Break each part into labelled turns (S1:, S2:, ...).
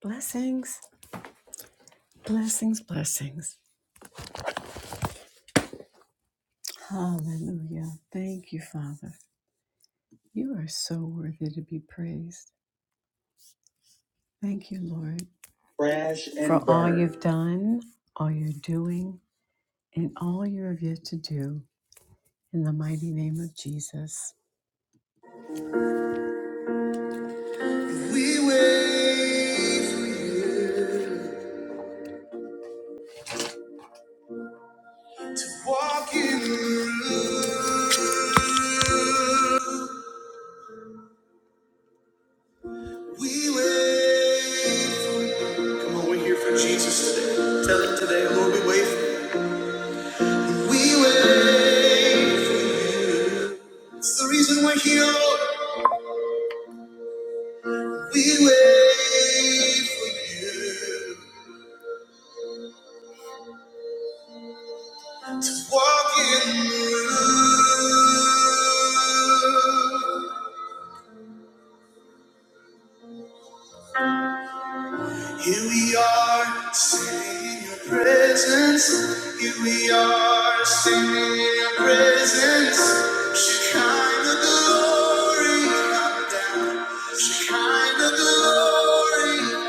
S1: Blessings, blessings, blessings. Hallelujah. Thank you, Father. You are so worthy to be praised. Thank you, Lord, Crash and for and all burn. you've done, all you're doing, and all you have yet to do. In the mighty name of Jesus. We wave, walking through. We wave. Come on, we're here for Jesus today. Tell him today, Lord, we wave. We wait for you. It's the reason we're here. Lord. We wait for you to walk in the room. Here we are, singing your presence. Here we are, singing your presence. Shekinah glory, Shekinah glory.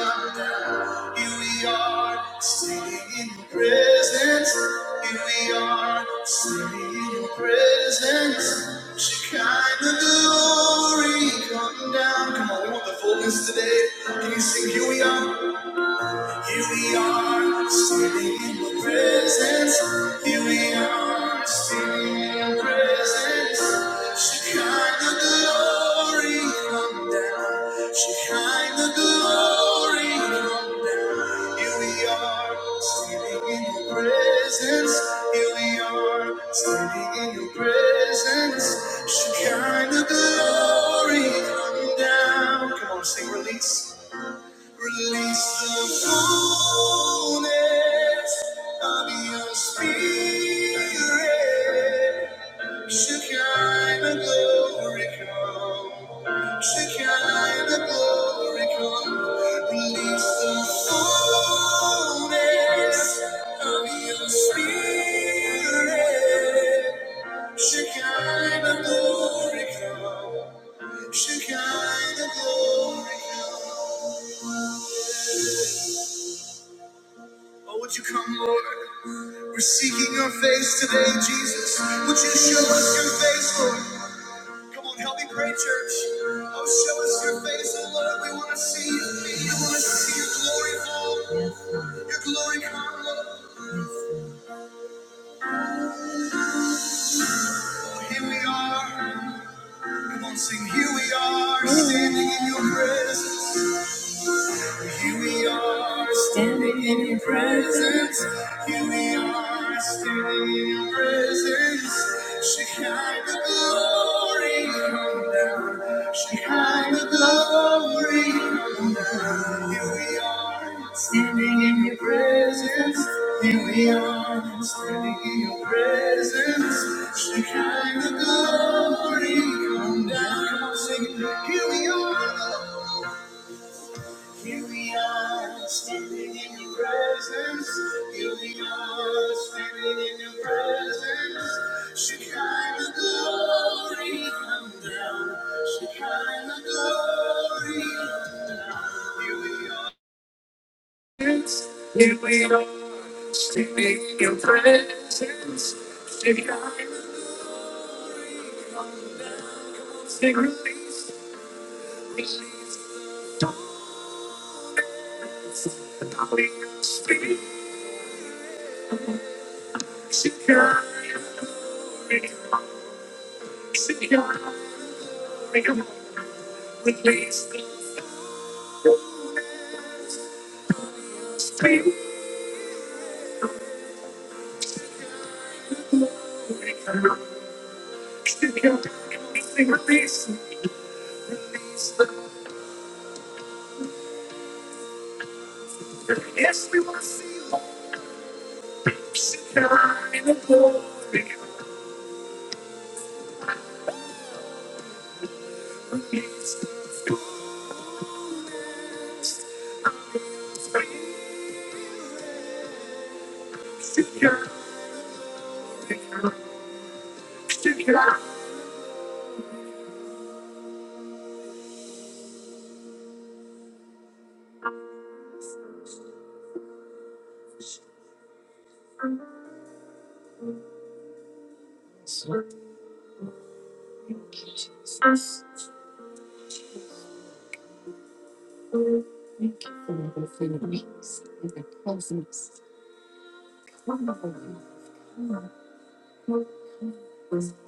S1: Here we are, singing in your presence. Here we are, singing in your presence. Shekinah glory, come down. Come on, we want the fullness today. Can you sing? Here we are. Here we are, standing in the presence. Here we are, standing in the presence. Shekinah glory come down. Shekinah glory come down. Here we are, standing in your presence. Here we are, standing in your presence. Shekinah glory come down. Come on, sing release. Release the fullness of your spirit. Shekinah glory come. Shekinah glory come. Release the fullness of your spirit. Shekinah glory come. Shekinah glory come. Oh, would you come, Lord? We're seeking your face today, Jesus. Would you show us your face, Lord? Come on, help me pray, church. Oh, show us your face, oh Lord. We want to see you. We want to see your glory fall. Your glory come, Lord. Oh, Here we are. Come on, sing. Here we are, standing in your presence. Here we are standing in your presence. Here we are standing in your presence. Shekinah glory come down. Shekinah glory come down. Here we are standing in your presence. Here we are standing in your presence. Shekinah glory come down. Come on, sing it. Here we are. Lord. Here we are standing in your presence. Here we are standing in your presence. Shekinah glory come down. Shekinah glory come down. Here we are. Here we are standing in your presence. Shekinah glory release, release, the darkness, the power of your spirit. Secure, secure, release the stream. Secure, release, release the. Yes, we want to see more. Secure in the glory. Release the fullness of your spirit. secure, secure, secure. Thank you, Jesus. Thank you for the forgiveness and the closeness. Wonderful. Wonderful. Wonderful.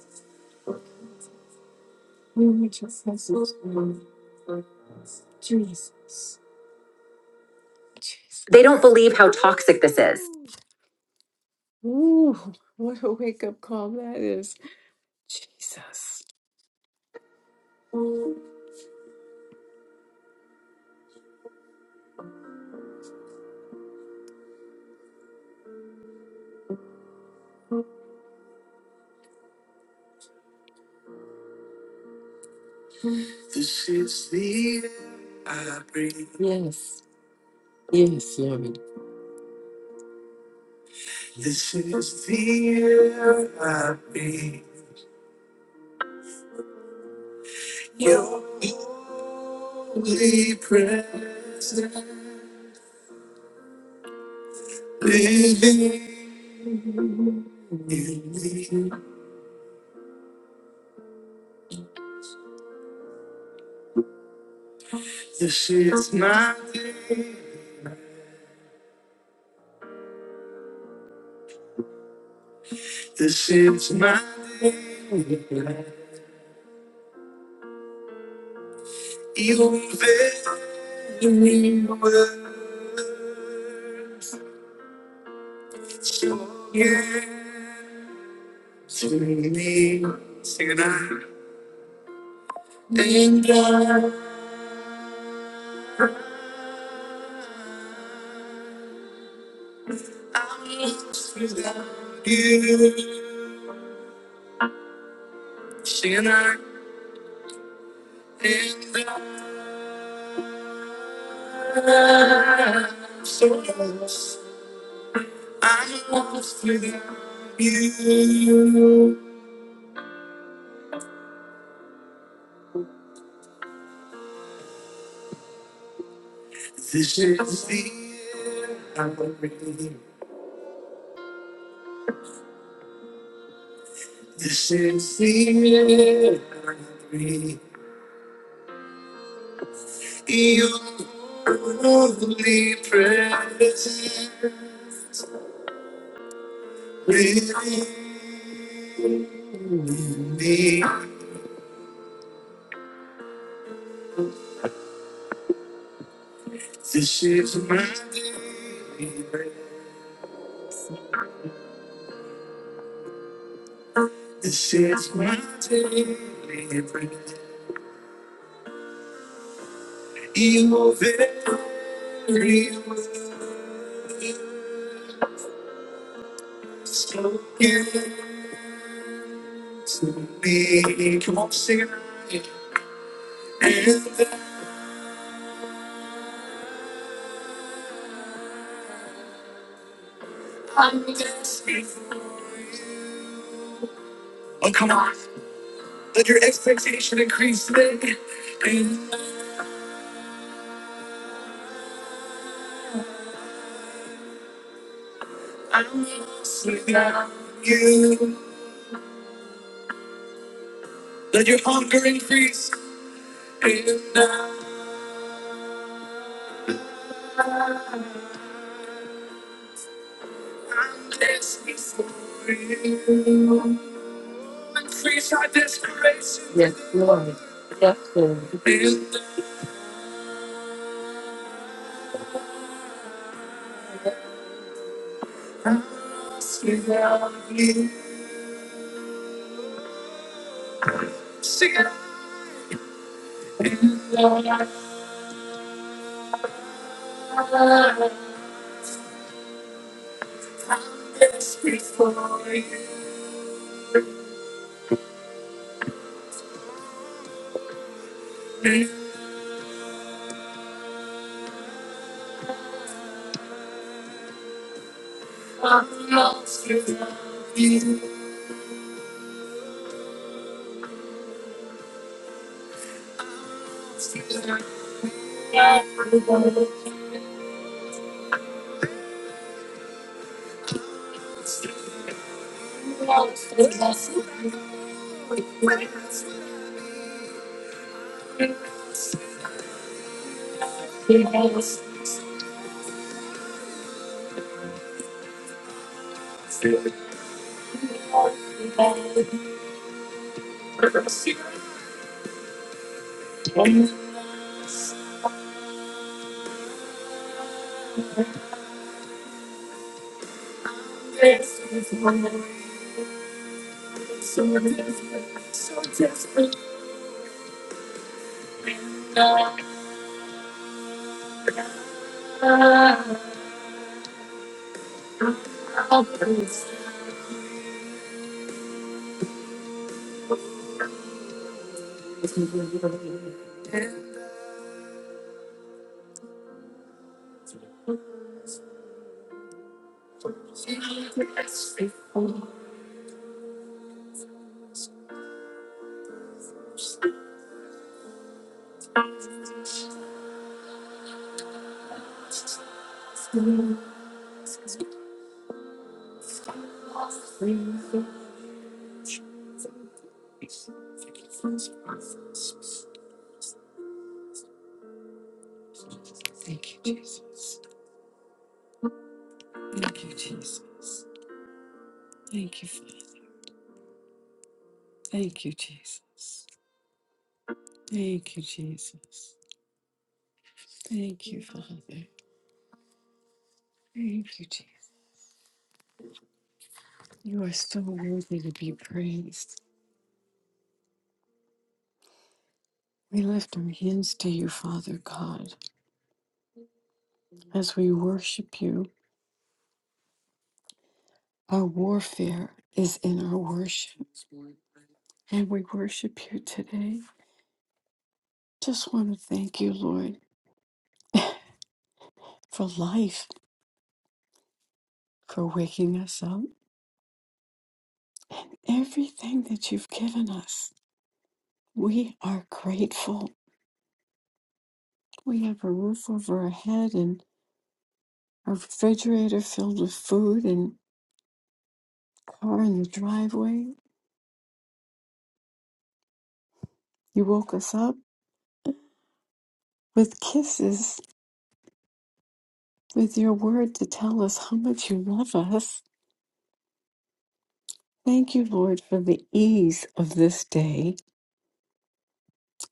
S1: We just have such love. Jesus. Jesus. They don't believe how toxic this is. Ooh, what a wake up call that is. Jesus. This is the air I breathe. This is the air I breathe. Your holy presence is mine. This is mine. You fill me with yeah, to me. Sing it out. And God without you. Sing it out. And I'm so lost. I'm lost without you. This is the year I breathe. This is the year I breathe. You are only present within me. This is my daily bread. This is my daily bread. You very well spoken to me. Come on, sing it. And- Oh, come on. Let your expectation increase today and that's without you. Let your hunger increase and now I'm desperate for you. Increase our desperation in the house without you. Sing it out loud. I'm desperate for you. And I'm lost without you. Lost without you. Lost without you. Lost without you. Thank you, Jesus. Thank you, Jesus. Jesus. Thank you, Father. Thank you, Jesus. You are so worthy to be praised. We lift our hands to you, Father God, as we worship you. Our warfare is in our worship, and we worship here today. Just want to thank you, Lord, for life, for waking us up. Everything that you've given us, we are grateful. We have a roof over our head and a refrigerator filled with food and car in the driveway. You woke us up with kisses, with your word to tell us how much you love us. Thank you, Lord, for the ease of this day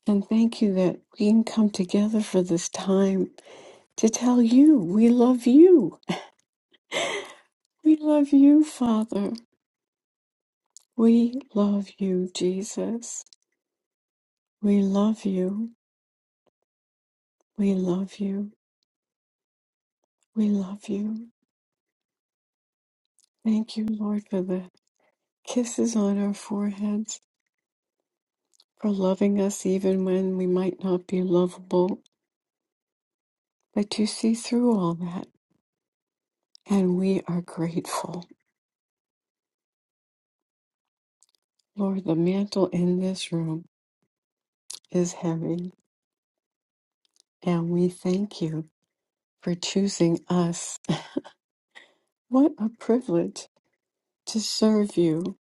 S1: And thank you that we can come together for this time to tell you we love you. We love you, Father. We love you, Jesus. We love you. We love you. We love you. Thank you, Lord, for the kisses on our foreheads, for loving us even when we might not be lovable. But you see through all that, and we are grateful. Lord, the mantle in this room is heavy, and we thank you. for choosing us. What a privilege to serve you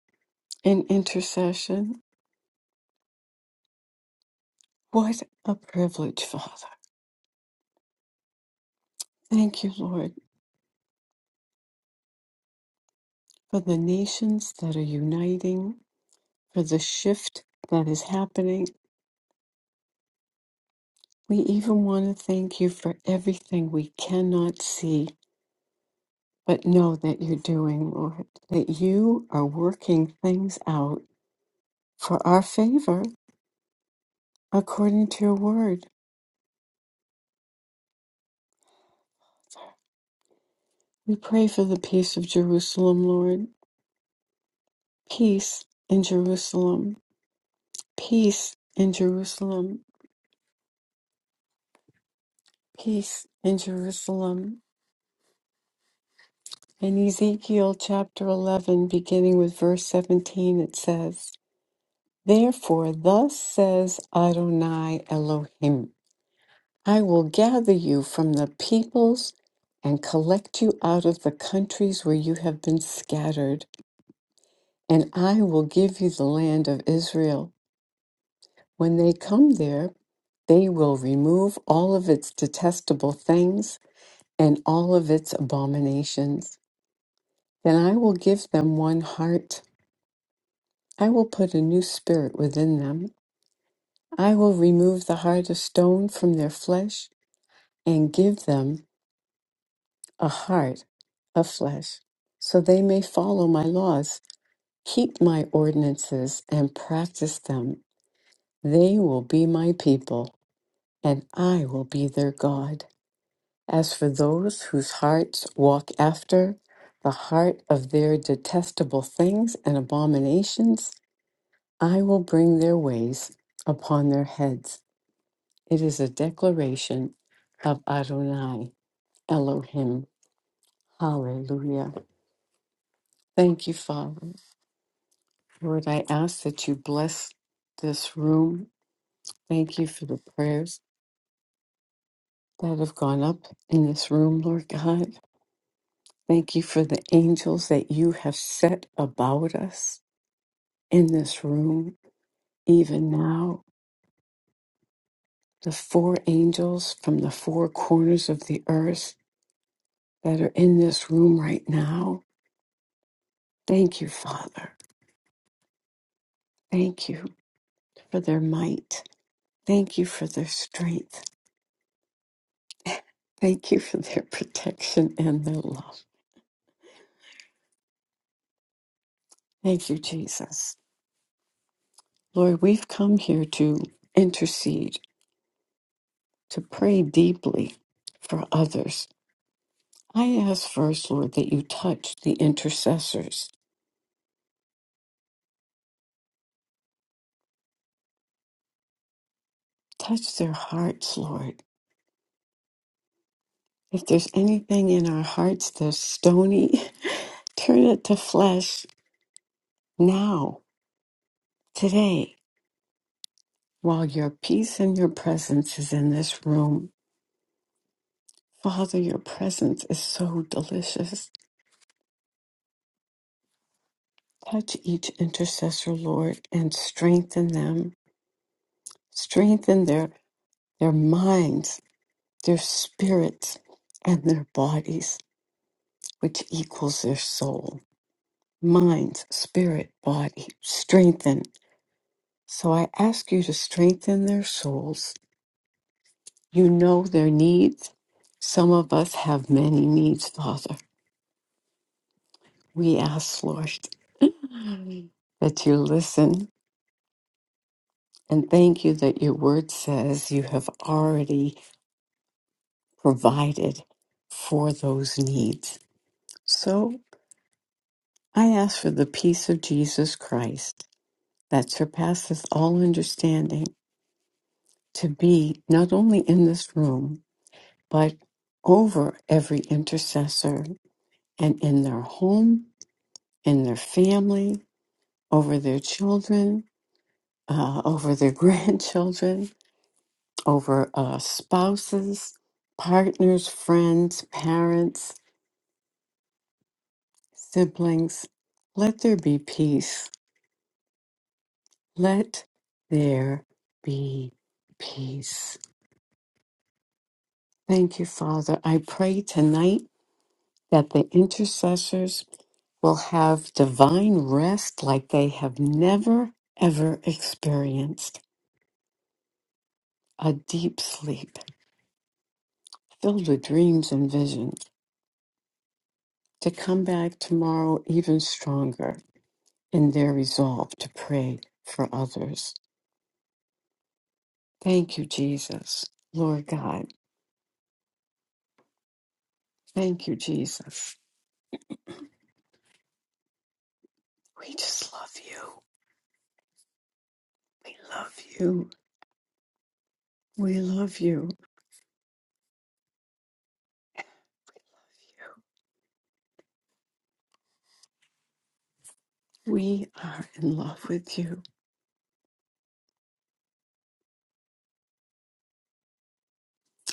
S1: in intercession. What a privilege, Father. Thank you, Lord, for the nations that are uniting, for the shift that is happening. We even want to thank you for everything we cannot see, but know that you're doing, Lord, that you are working things out for our favor according to your word. We pray for the peace of Jerusalem, Lord. Peace in Jerusalem, peace in Jerusalem, peace in Jerusalem. In Ezekiel chapter 11, beginning with verse 17, it says, Therefore, thus says Adonai Elohim, I will gather you from the peoples and collect you out of the countries where you have been scattered, and I will give you the land of Israel. When they come there, they will remove all of its detestable things and all of its abominations. Then I will give them one heart. I will put a new spirit within them. I will remove the heart of stone from their flesh and give them a heart of flesh, so they may follow my laws, keep my ordinances, and practice them. They will be my people, and I will be their God. As for those whose hearts walk after the heart of their detestable things and abominations, I will bring their ways upon their heads. It is a declaration of Adonai Elohim. Hallelujah. Thank you, Father. Lord, I ask that you bless this room. Thank you for the prayers that have gone up in this room, Lord God. Thank you for the angels that you have set about us. in this room, even now, the four angels from the four corners of the earth that are in this room right now. Thank you, Father. Thank you for their might. Thank you for their strength. Thank you for their protection and their love. Thank you, Jesus. Lord, we've come here to intercede, to pray deeply for others. I ask first, Lord, that you touch the intercessors, touch their hearts, Lord. If there's anything in our hearts that's stony, turn it to flesh now, today, while your peace and your presence is in this room. Father, your presence is so delicious. Touch each intercessor, Lord, and strengthen them. Strengthen their, their minds, their spirits, and their bodies, which equals their soul. Mind, spirit, body. Strengthen. So I ask you to strengthen their souls. You know their needs. Some of us have many needs, Father. We ask, Lord, that you listen and thank you that your word says you have already provided for those needs. So I ask for the peace of Jesus Christ that surpasses all understanding to be not only in this room, but over every intercessor and in their home, in their family, over their children, uh, over their grandchildren, over uh, spouses, partners, friends, parents, siblings. Let there be peace. Let there be peace. Thank you, Father. I pray tonight that the intercessors will have divine rest like they have never, ever experienced a deep sleep filled with dreams and visions, to come back tomorrow even stronger in their resolve to pray for others. Thank you, Jesus. Lord God, thank you, Jesus. We just love you. We love you. We love you. We are in love with you.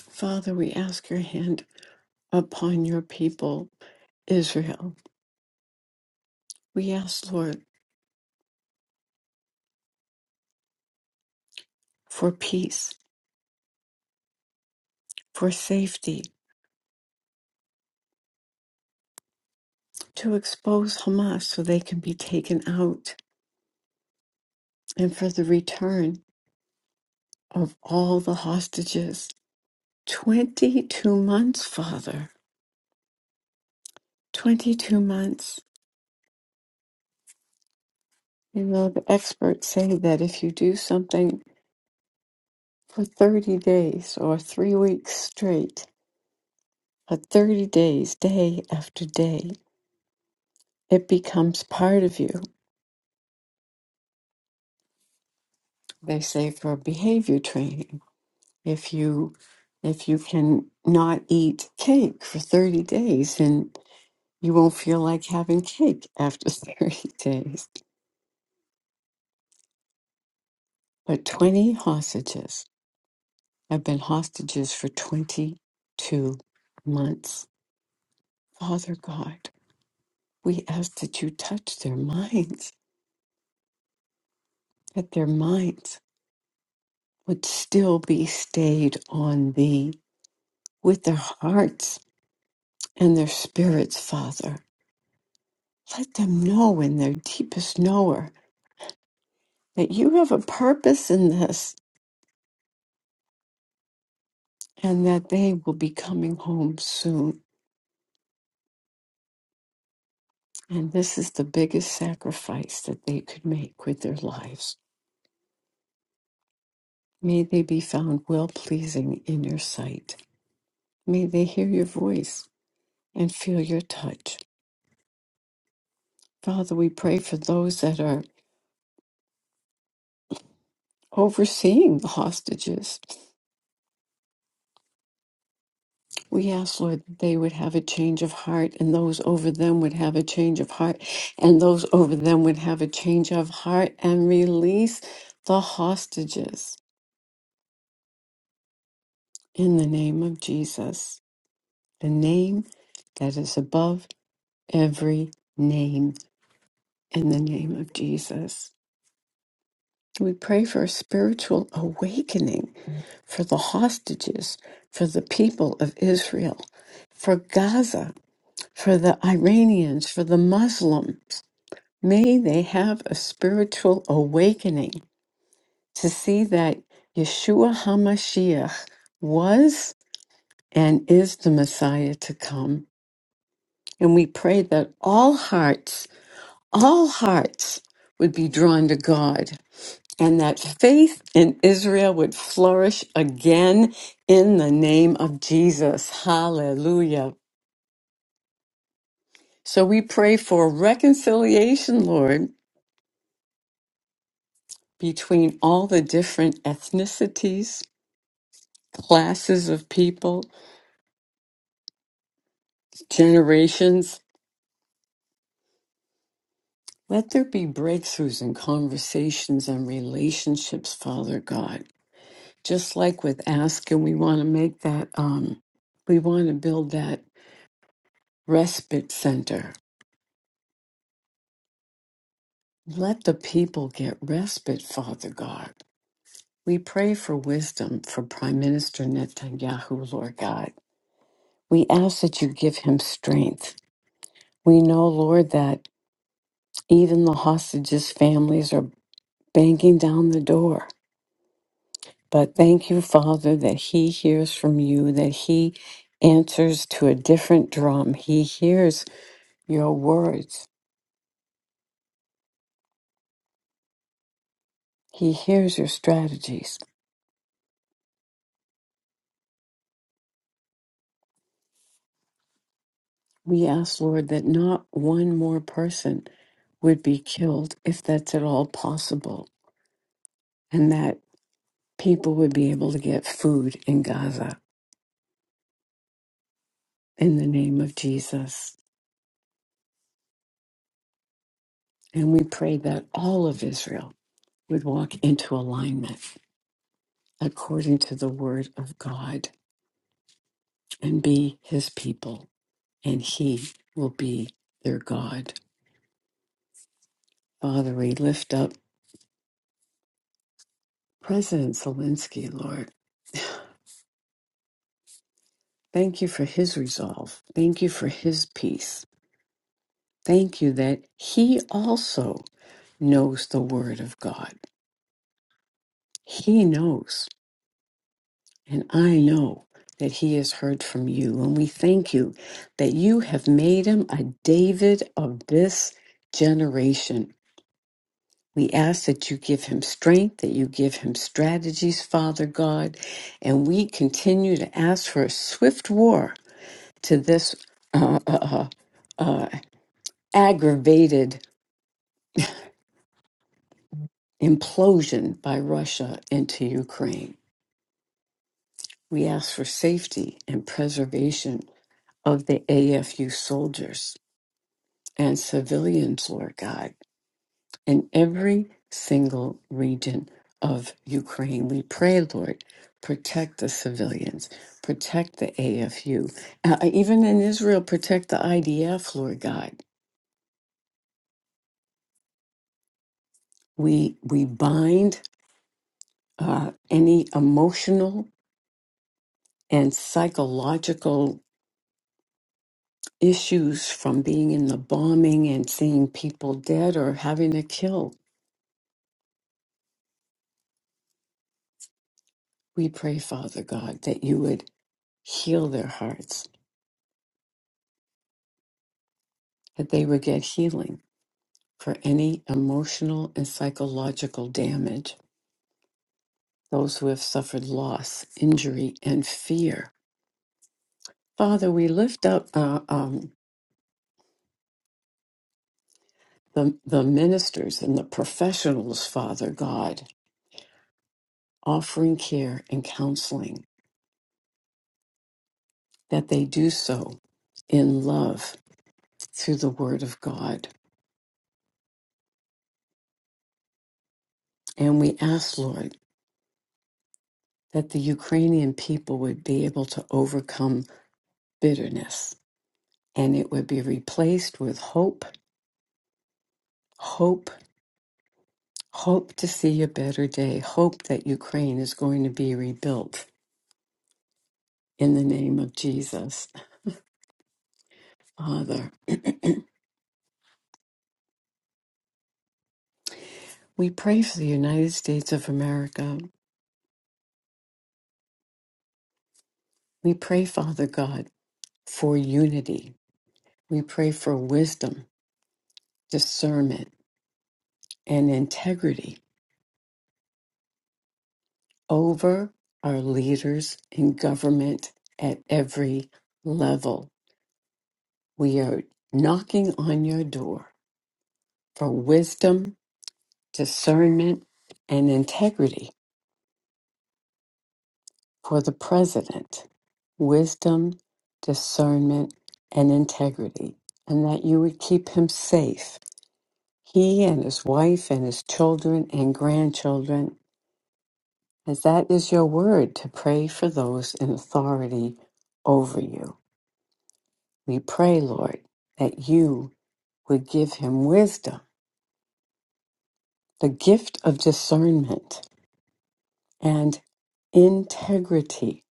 S1: Father, we ask your hand upon your people, Israel. We ask, Lord, for peace, for safety, to expose Hamas so they can be taken out and for the return of all the hostages. 22 months, Father. 22 months. You know, the experts say that if you do something for 30 days or three weeks straight, for 30 days, day after day, it becomes part of you. They say for behavior training, if you if you can not eat cake for 30 days then You won't feel like having cake after 30 days. But 20 hostages have been hostages for 22 months. Father God, we ask that you touch their minds, that their minds would still be stayed on thee with their hearts and their spirits, Father. Let them know in their deepest knower that you have a purpose in this and that they will be coming home soon And this is the biggest sacrifice that they could make with their lives. May they be found well pleasing in your sight. May they hear your voice and feel your touch. Father, we pray for those that are overseeing the hostages. We ask, Lord, that they would have a change of heart, and those over them would have a change of heart, and those over them would have a change of heart and release the hostages in the name of Jesus. the name that is above every name in the name of Jesus. We pray for a spiritual awakening for the hostages, for the people of Israel, for Gaza, for the Iranians, for the Muslims. May they have a spiritual awakening to see that Yeshua HaMashiach was and is the Messiah to come. And we pray that all hearts all hearts would be drawn to God and that faith in Israel would flourish again in the name of Jesus. Hallelujah. So we pray for reconciliation, Lord, between all the different ethnicities, classes of people, generations. Let there be breakthroughs in conversations and relationships, Father God. just like with ask and we want to make that um we want to build that respite center let the people get respite father god we pray for wisdom for prime minister netanyahu lord god we ask that you give him strength we know lord that even the hostages families are banging down the door but thank you father that he hears from you that he answers to a different drum he hears your words He hears your strategies. We ask, Lord, that not one more person would be killed if that's at all possible, and that people would be able to get food in Gaza in the name of Jesus. And we pray that all of Israel would walk into alignment according to the word of God and be his people, and he will be their God. Father, we lift up President Zelensky, Lord. Thank you for his resolve. Thank you for his peace. Thank you that he also knows the word of God. He knows, and I know that he has heard from you. And we thank you that you have made him a David of this generation. We ask that you give him strength, that you give him strategies, Father God, and we continue to ask for a swift war to this uh, uh, uh, uh, aggravated implosion by Russia into Ukraine. We ask for safety and preservation of the AFU soldiers and civilians, Lord God, in every single region of Ukraine. We pray, Lord, protect the civilians, protect the AFU, Uh, even in Israel, protect the IDF, Lord God. We, we bind uh, any emotional and psychological issues from being in the bombing and seeing people dead or having to kill. We pray, Father God, that you would heal their hearts, that they would get healing for any emotional and psychological damage, those who have suffered loss, injury, and fear. Father, we lift up uh, um, the, the ministers and the professionals, Father God, offering care and counseling, that they do so in love through the Word of God. And we ask, Lord, that the Ukrainian people would be able to overcome bitterness and it would be replaced with hope, hope, hope to see a better day, hope that Ukraine is going to be rebuilt in the name of Jesus. Father, we pray for the United States of America. We pray, Father God, for unity. We pray for wisdom, discernment, and integrity over our leaders in government at every level. We are knocking on your door for wisdom, discernment, and integrity for the president. Wisdom, discernment, and integrity, and that you would keep him safe, he and his wife and his children and grandchildren, as that is your word to pray for those in authority over you. We pray, Lord, that you would give him wisdom, the gift of discernment, and integrity,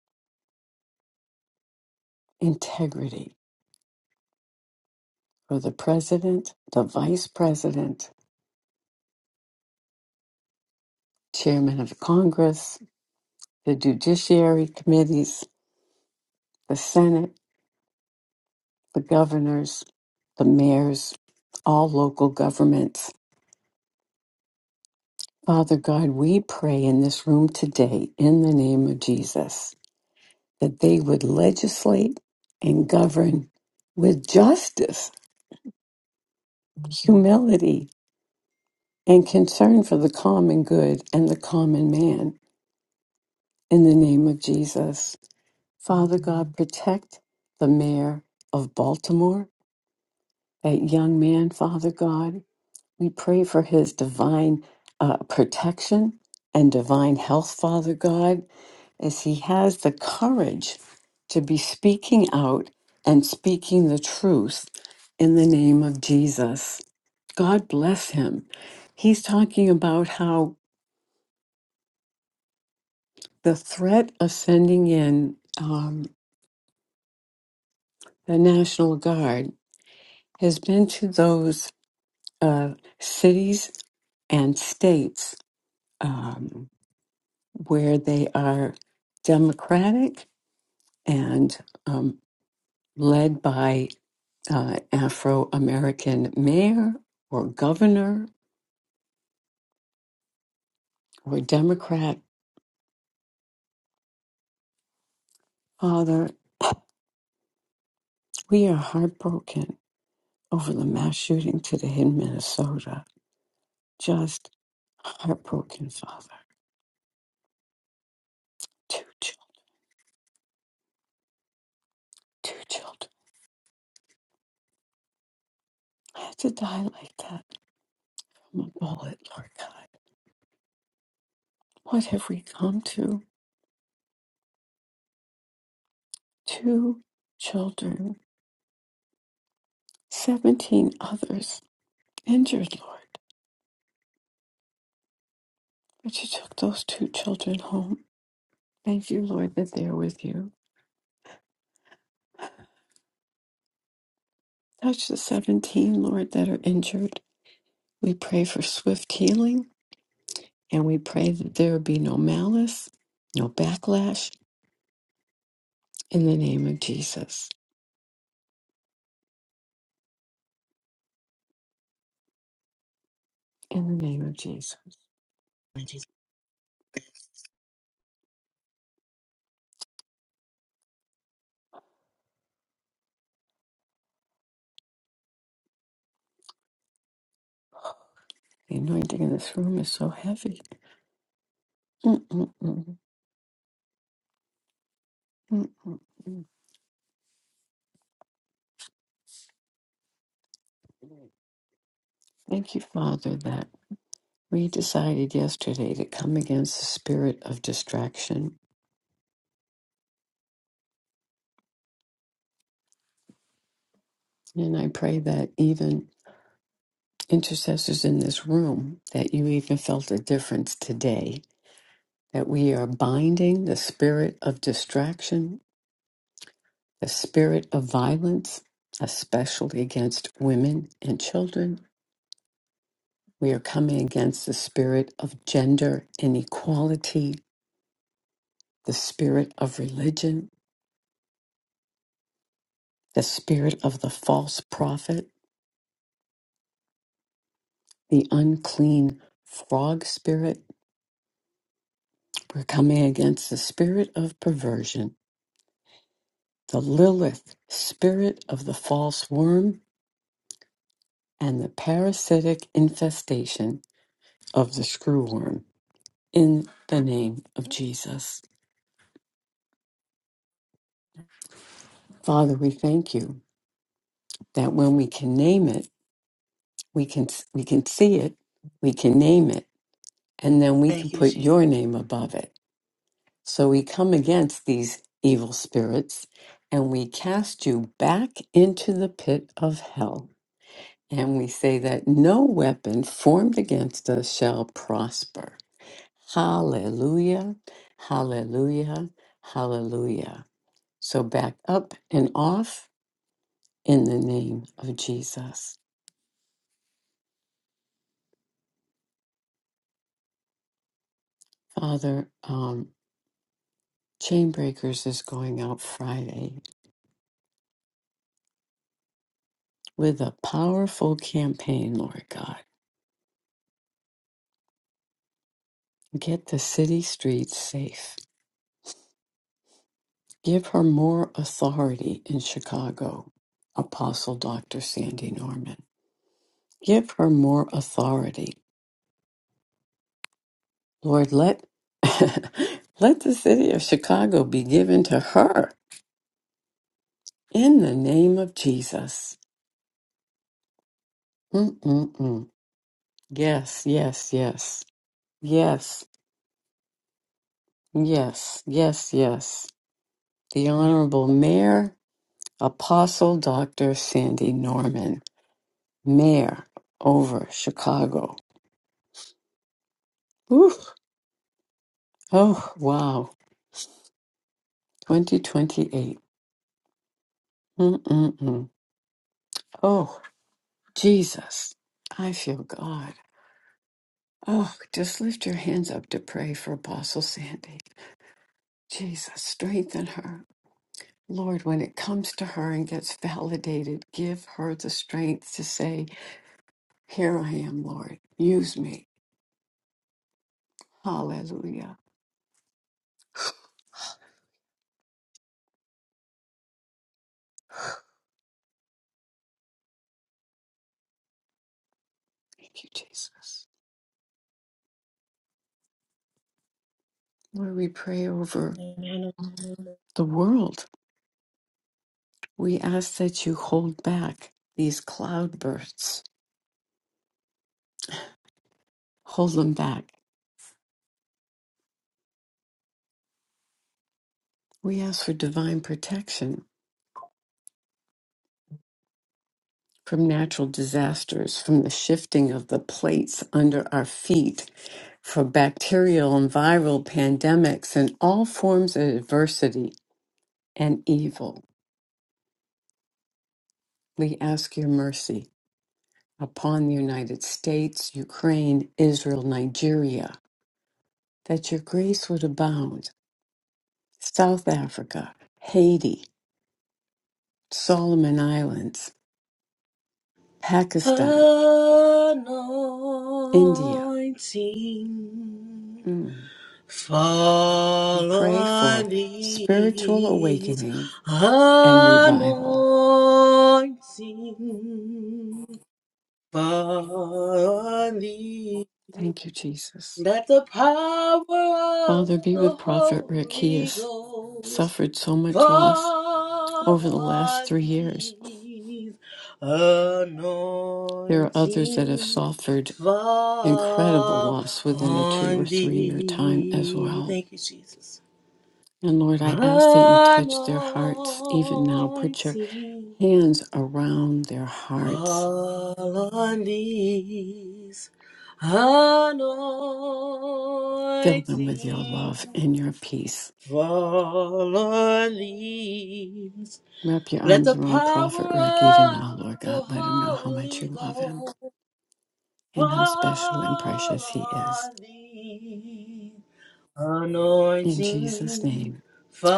S1: integrity for the president, the vice president, chairman of Congress, the judiciary committees, the Senate, the governors, the mayors, all local governments. Father God, we pray in this room today in the name of Jesus that they would legislate and govern with justice, humility, and concern for the common good and the common man in the name of Jesus. Father God, protect the mayor of Baltimore, that young man, Father God. We pray for his divine uh, protection and divine health, Father God, as he has the courage to be speaking out and speaking the truth in the name of Jesus. God bless him. He's talking about how the threat of sending in um, the National Guard has been to those uh, cities and states. Um, where they are democratic and um, led by uh, Afro American mayor or governor or Democrat father. We are heartbroken over the mass shooting today in Minnesota. Just heartbroken, father. Two children, two children. I had to die like that from a bullet, Lord God. What have we come to? Two children, 17 others injured, Lord. But you took those two children home. Thank you, Lord, that they are with you. Touch the 17, Lord, that are injured. We pray for swift healing and we pray that there be no malice, no backlash in the name of Jesus. In the name of Jesus.
S2: Jesus.
S1: The anointing in this room is so heavy. Mm-mm-mm. Mm-mm-mm. Thank you, Father, that we decided yesterday to come against the spirit of distraction. And I pray that even intercessors in this room that you even felt a difference today, that we are binding the spirit of distraction, the spirit of violence, especially against women and children. We are coming against the spirit of gender inequality, the spirit of religion, the spirit of the false prophet, the unclean frog spirit. We're coming against the spirit of perversion the Lilith, spirit of the false worm, and the parasitic infestation of the screwworm. In the name of Jesus. Father, we thank you that when we can name it, we can, we can see it, we can name it, and then we can
S2: Thank you,
S1: put
S2: Jesus.
S1: your name above it. So we come against these evil spirits and we cast you back into the pit of hell And we say that no weapon formed against us shall prosper. Hallelujah, hallelujah, hallelujah. So back up and off in the name of Jesus. Father, um, Chainbreakers is going out Friday with a powerful campaign, Lord God. Get the city streets safe. Give her more authority in Chicago, Apostle Dr. Sandy Norman. Give her more authority. Lord, let let the city of Chicago be given to her in the name of Jesus. Mm-mm-mm. Yes, yes, yes. Yes, yes, yes, yes. The Honorable Mayor, Apostle Dr. Sandy Norman, Mayor over Chicago. Oof. Oh, wow. 2028. Mm-mm-mm. Oh, Jesus. I feel God. Oh, just lift your hands up to pray for Apostle Sandy. Jesus, strengthen her. Lord, when it comes to her and gets validated, give her the strength to say, Here I am, Lord. Use me. Hallelujah. Thank you, Jesus. Lord, we pray over
S2: Amen.
S1: the world. We ask that you hold back these cloudbursts, hold them back. We ask for divine protection from natural disasters, from the shifting of the plates under our feet, from bacterial and viral pandemics, and all forms of adversity and evil. We ask your mercy upon the United States, Ukraine, Israel, Nigeria, that your grace would abound. South Africa, Haiti, Solomon Islands, Pakistan, India.
S2: Anointing
S1: Mm. We
S2: fall
S1: pray
S2: on
S1: for spiritual
S2: these
S1: awakening and revival.
S2: anointing fall on these.
S1: Thank you, Jesus.
S2: Let the power of
S1: Father, be
S2: the
S1: with Prophet Rick. He
S2: Holy
S1: has
S2: Ghost
S1: suffered so much loss
S2: Fall
S1: over the last
S2: on
S1: three years.
S2: these
S1: There are others that have
S2: anointing.
S1: suffered incredible
S2: Fall
S1: loss within a two or
S2: on
S1: three year time as
S2: thee.
S1: well.
S2: Thank you, Jesus.
S1: And Lord, I ask that you touch their hearts even now. Put your
S2: Anointing.
S1: hands around their hearts.
S2: Fall on these
S1: Fill them with your
S2: anointing.
S1: love and your peace.
S2: Fall on these
S1: Wrap your
S2: Let the
S1: arms
S2: power
S1: around Prophet Rick even
S2: of
S1: now, Lord
S2: the
S1: God. Let him know how much
S2: Holy
S1: you love him.
S2: Ghost
S1: and how special and
S2: fall
S1: precious He is.
S2: on thee.
S1: In Jesus'
S2: Anointing
S1: name,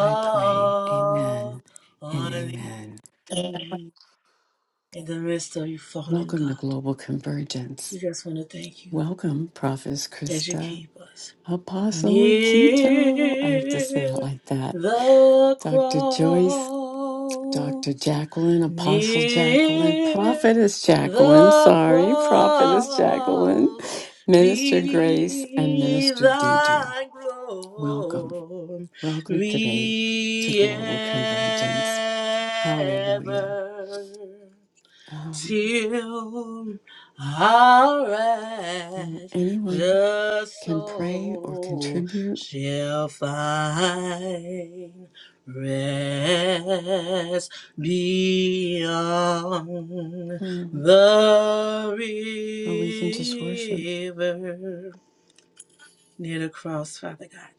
S1: I pray. Amen and
S2: on thee.
S1: amen.
S2: In the midst of you fallen,
S1: Welcome to
S2: God,
S1: Global Convergence.
S2: we just want to thank you
S1: Welcome, Prophetess
S2: as you
S1: Krista,
S2: keep us
S1: Apostle Akito. I have to say it
S2: near
S1: like that.
S2: the
S1: Dr. Joyce,
S2: cross.
S1: Dr. Jacqueline, Apostle Jacqueline,
S2: near
S1: Prophetess Jacqueline,
S2: the
S1: sorry, Prophetess Jacqueline,
S2: cross
S1: Minister Grace, and
S2: be
S1: Minister Deidre.
S2: thy
S1: Welcome. Welcome today to
S2: glory
S1: Global Convergence. Hallelujah.
S2: ever
S1: Um,
S2: till our
S1: well,
S2: righteous
S1: anyone can pray or
S2: soul
S1: contribute,
S2: shall find rest beyond
S1: mm,
S2: the
S1: or we can just worship.
S2: river near the cross, Father God.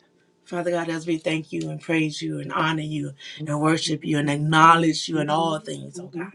S2: Father God, as we thank you and praise you and honor you and worship you and acknowledge you in all things, oh God.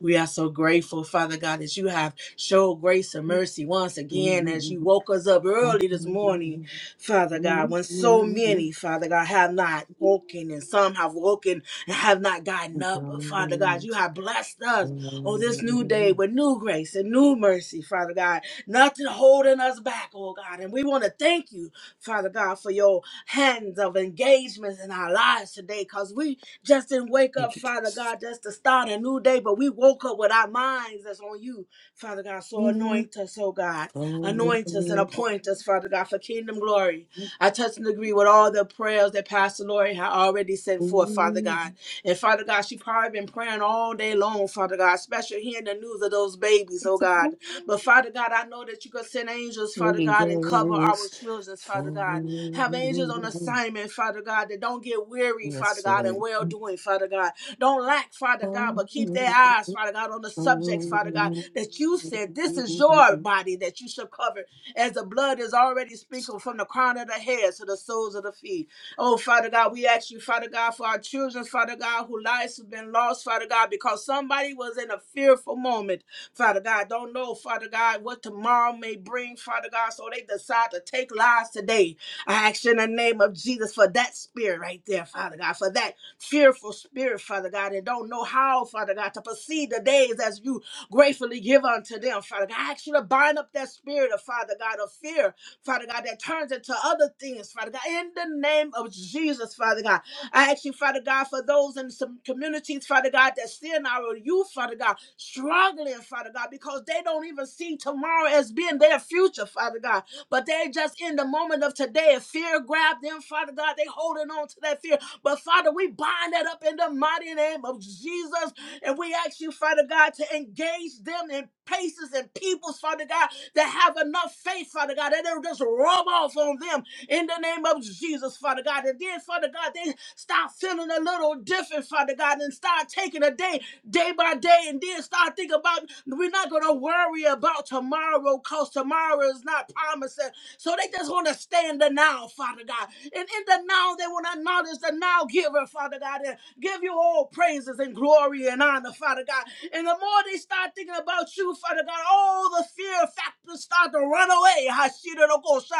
S2: We are so grateful, Father God, that you have showed grace and mercy once again as you woke us up early this morning, Father God, when so many, Father God, have not woken and some have woken and have not gotten up. But Father God, you have blessed us on this new day with new grace and new mercy, Father God nothing holding us back, oh God. And we want to thank you, Father God, for your hands of engagement in our lives today because we just didn't wake up,
S1: Thank you,
S2: Father
S1: Jesus.
S2: God, just to start a new day, but we woke up with our minds that's on you, Father God. So anoint us, oh God. Anoint us and appoint us, Father God, for kingdom glory. I touch and agree with all the prayers that Pastor Lori had already sent forth, Father God. And Father God, she probably been praying all day long, Father God, especially hearing the news of those babies, oh God. But Father God, I know that you can send angels, Father
S1: Holy
S2: God, and cover our
S1: Ghost,
S2: children, Father God. Have angels on
S1: fall.
S2: assignment, Father God, that don't get weary, Father
S1: Yes,
S2: God, and
S1: Lord.
S2: well doing, Father God. Don't lack, Father God, but
S1: Fall.
S2: keep their eyes, Father God, on the subjects, Father God,
S1: Woo!
S2: that you said this is your body that you should cover, as the blood is already sprinkled from the crown of the head to the soles of the feet. Oh, Father God, we ask you, Father God, for our children, Father God, who lives have been lost, Father God, because somebody was in a fearful moment. Father God, don't know, Father God, what tomorrow may bring, Father God, so they decide to take lives today. I ask you in the name of Jesus for that spirit right there, Father God, for that fearful spirit, Father God, and don't know how, Father God, to proceed the days as you gratefully give unto them, Father God. I ask you to bind up that spirit of Father God of fear, Father God, that turns into other things, Father God, in the name of Jesus, Father God. I ask you, Father God, for those in some communities, Father God, that's still in our youth, Father God, struggling, Father God, because they don't even see tomorrow as being their future, Father God. But they just in the moment of today, if fear grabbed them, Father God, they holding on to that fear. But Father, we bind that up in the mighty name of Jesus. And we ask you, Father God, to engage them in places and peoples, Father God, that have enough faith, Father God, that they'll just rub off on them in the name of Jesus, Father God. And then, Father God, they start feeling a little different, Father God, and start taking a day, day by day, and then start thinking about we're not going to worry about tomorrow because tomorrow is not promising. So they just want to stay in the now, Father God. And in the now, they want to acknowledge the now giver, Father God, and give you all praises and glory and honor, Father God. And the more they start thinking about you, Father God, all the fear factors start to run away.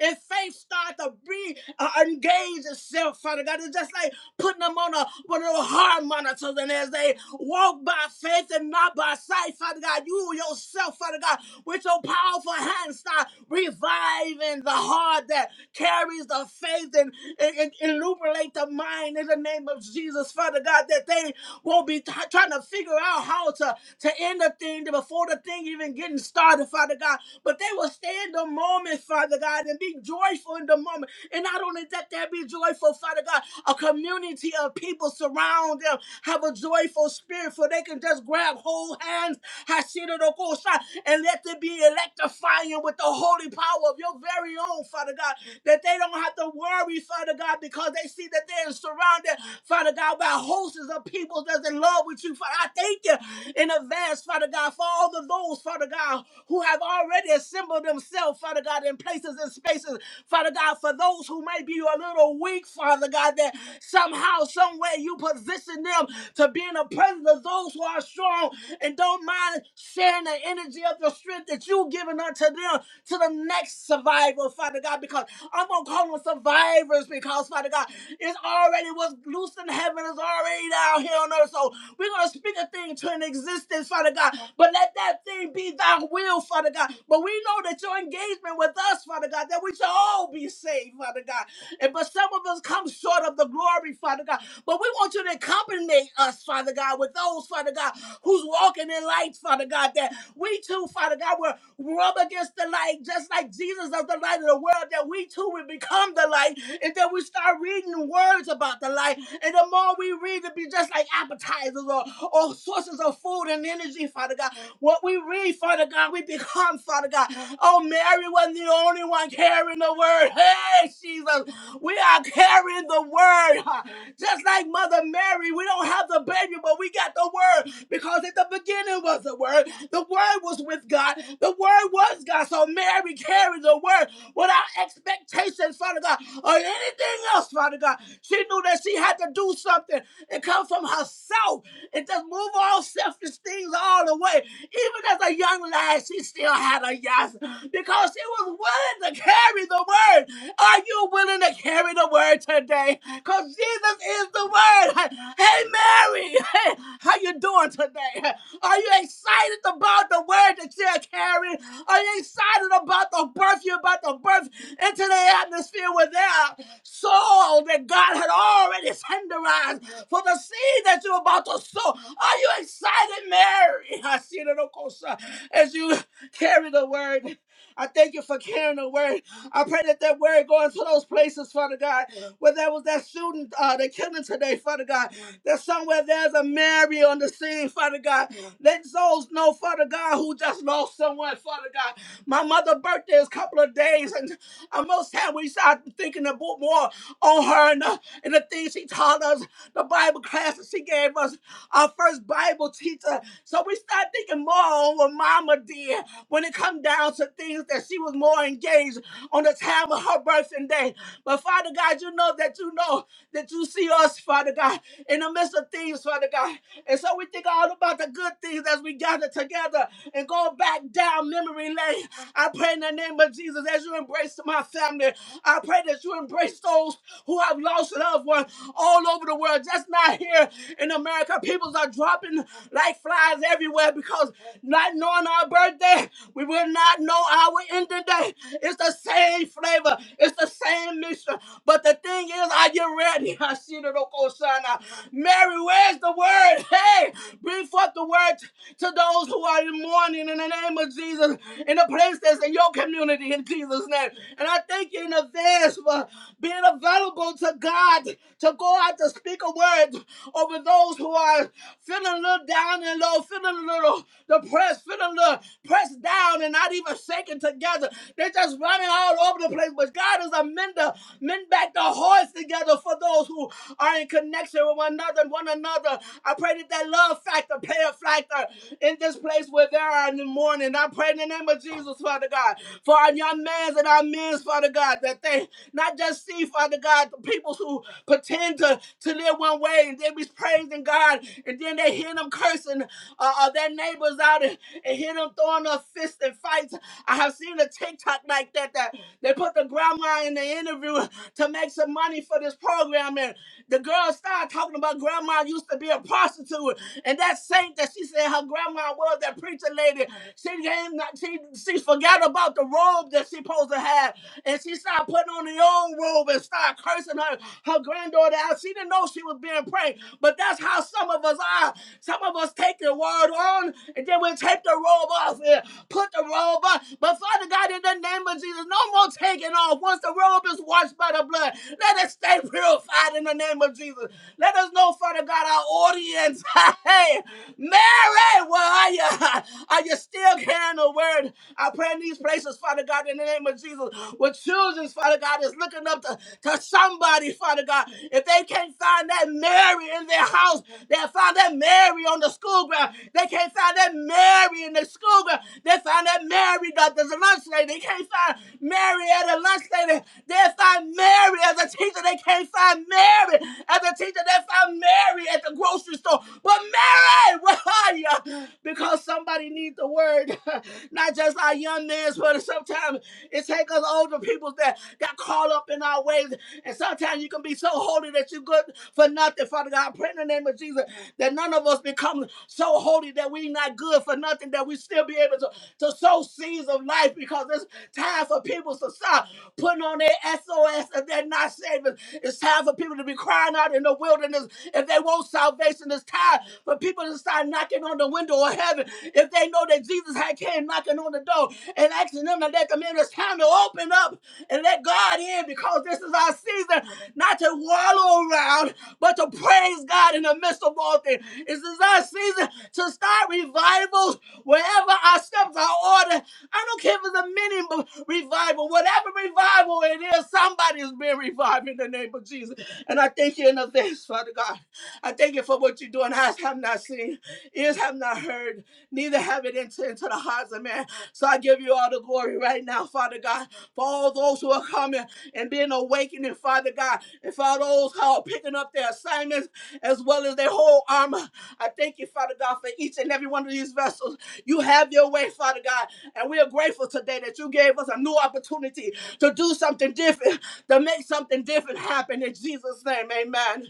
S2: And faith start to be uh, engage itself, Father God. It's just like putting them on a one of those heart monitors, and as they walk by faith and not by sight, Father God, you yourself, Father God, with your powerful hand, start reviving the heart that carries the faith and, and, and illuminate the mind in the name of Jesus, Father God, that they won't be t- trying to figure out how to, to end the thing before the thing even getting started, Father God, but they will stand in the moment, Father God, and be joyful in the moment. And not only that, that be joyful, Father God. A community of people surround them, have a joyful spirit, for they can just grab whole hands, Hashira no kosa, and let them be electrifying with the holy power of your very own, Father God. That they don't have to worry, Father God, because they see that they're surrounded, Father God, by hosts of people that's in love with you. Father, I thank you in advance, Father God, for all of those, Father God, who have already assembled themselves, Father God, in places and spaces, Father God, for those who may be a little weak, Father God, that somehow, somewhere you position them to be in the presence of those who are strong and don't mind sharing the energy of the strength that you've given unto them to the next survivor, Father God, because I'm gonna call them survivors because Father God, it's already what's loose in heaven is already down here on earth. So we're gonna speak a thing to an existence, Father God, but let that thing be be thy will, Father God. But we know that your engagement with us, Father God, that we shall all be saved, Father God. And but some of us come short of the glory, Father God. But we want you to accompany us, Father God, with those, Father God, who's walking in light, Father God, that we too, Father God, will rub against the light, just like Jesus of the light of the world, that we too will become the light, and that we start reading words about the light. And the more we read, it be just like appetizers or, or sources of food and energy, Father God. What we read, Father God, we become, Father God. Oh, Mary wasn't the only one carrying the word. Hey, Jesus, we are carrying the word. huh? Just like Mother Mary, we don't have the baby, but we got the word because at the beginning was the word. The word was with God. The word was God. So Mary carried the word without expectations, Father God, or anything else, Father God. She knew that she had to do something and come from herself and just move all selfish things all the way. Even as a young lad, she still had a yes because she was willing to carry the word. Are you willing to carry the word today? Because Jesus is the word. Hey, Mary, hey, how you doing today? Are you excited about the word that you're carrying? Are you excited about the birth you're about to birth into the atmosphere where there are souls that God had already tenderized? for the seed that you're about to sow. Are you excited, Mary? I see it, of course, uh, as you carry the word. I thank you for carrying the word. I pray that that word going to those places, Father God, where there was that shooting, uh, the killing today, Father God. That somewhere there's a Mary on the scene, Father God. Let souls know, Father God, who just lost someone, Father God. My mother's birthday is a couple of days, and uh, most time we start thinking about more on her and, uh, and the things she taught us, the Bible classes she gave us, our first Bible teacher. So we start thinking more on what Mama did when it come down to things that she was more engaged on the time of her birthday day. But Father God, you know that you know that you see us, Father God, in the midst of things, Father God. And so we think all about the good things as we gather together and go back down memory lane. I pray in the name of Jesus as you embrace my family. I pray that you embrace those who have lost loved ones all over the world, just not here in America. People are dropping like flies everywhere because not knowing our birthday, we will not know our ending day. It's the same flavor, it's the same mixture. But the thing is, are you ready? I see the local sign. Mary, where's the word? Hey, bring forth the word to those who are in mourning in the name of Jesus, in the place that's in your community in Jesus' name. And I thank you in advance for being available to God to go out to speak a word over those who are feeling a little down and low, feeling a little depressed, feeling a little pressed down and not even shaken together. They're just running all over the place. But God is a mender, mend back the hearts together for those who are in connection with one another and one another. I pray that that love factor, pay a factor in this place where there are in the morning. I pray in the name of Jesus, Father God, for our young mans and our men's, Father God, that they not just see, Father God, the people who pretend to, to live one way and they be praising God and then they hear them cursing uh, uh, their neighbors out and, and hear them throwing up fists and fights. I have seen a TikTok like that that they put the grandma in the interview to make some money for this program. And the girl started talking about grandma used to be a prostitute. And that saint that she said her grandma was, that preacher lady, she came, she, she forgot about the robe that she supposed to have. And she started putting on her own robe and started cursing her, her granddaughter out. She didn't know she was being prayed. But that's how some of us are. Some of us take the word on and then we take the robe off and put the robe on. But Father God, in the name of Jesus, no more taking off. Once the robe is washed washed by the blood. Let us stay purified in the name of Jesus. Let us know, Father God, our audience. hey, Mary, where are you? Are you still carrying the word? I pray in these places, Father God, in the name of Jesus, With children, Father God, is looking up to, to somebody, Father God. If they can't find that Mary in their house, they'll find that Mary on the school ground. They can't find that Mary in the school ground. They found that Mary, Dr. lunch lady. They can't find Mary at a lunch lady, they'll find Mary as a teacher. They can't find Mary as a teacher. They find Mary at the grocery store. But Mary, where are you? Because somebody needs the word. Not just our young men's, but sometimes it takes us older people that got caught up in our ways. And sometimes you can be so holy that you're good for nothing. Father God, I pray in the name of Jesus that none of us become so holy that we not good for nothing, that we still be able to, to sow seeds of life because this Time for people to stop putting on their SOS if they're not saved. It's time for people to be crying out in the wilderness if they want salvation. It's time for people to start knocking on the window of heaven if they know that Jesus had came knocking on the door and asking them to let them in. It's time to open up and let God in because this is our season not to wallow around, but to praise God in the midst of all things. This is our season to start revivals wherever our steps are ordered I don't care if it's a mini b- revival, whatever revival it is, somebody is being revived in the name of Jesus. And I thank you in advance, Father God. I thank you for what you're doing. Eyes have not seen, ears have not heard, neither have it entered into the hearts of man. So I give you all the glory right now, Father God, for all those who are coming and being awakened, Father God, and for all those who are picking up their assignments as well as their whole armor. I thank you, Father God, for each and every one of these vessels. You have your way, Father God. And we are grateful today that you gave us a new opportunity to do something different, to make something different happen in Jesus' name. Amen.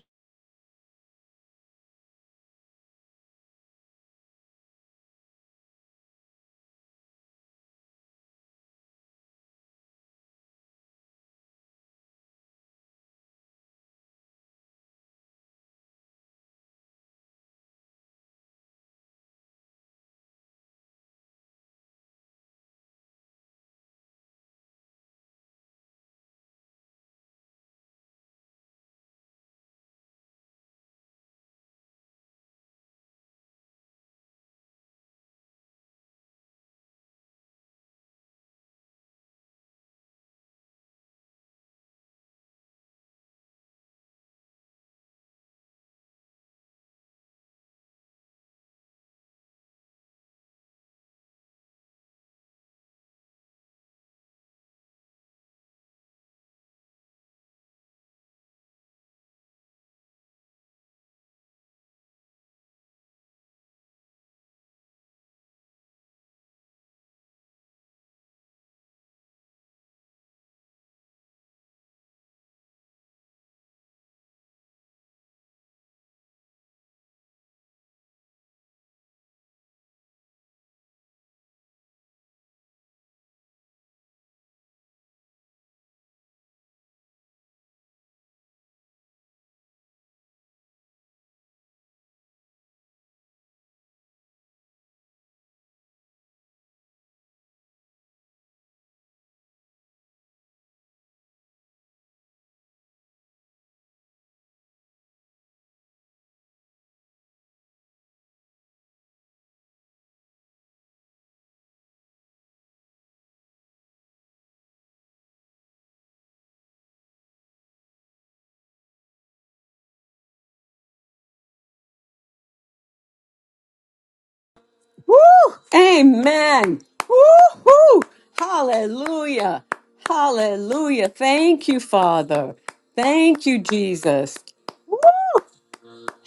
S1: Amen. Woo-hoo! Hallelujah. Hallelujah. Thank you, Father. Thank you, Jesus.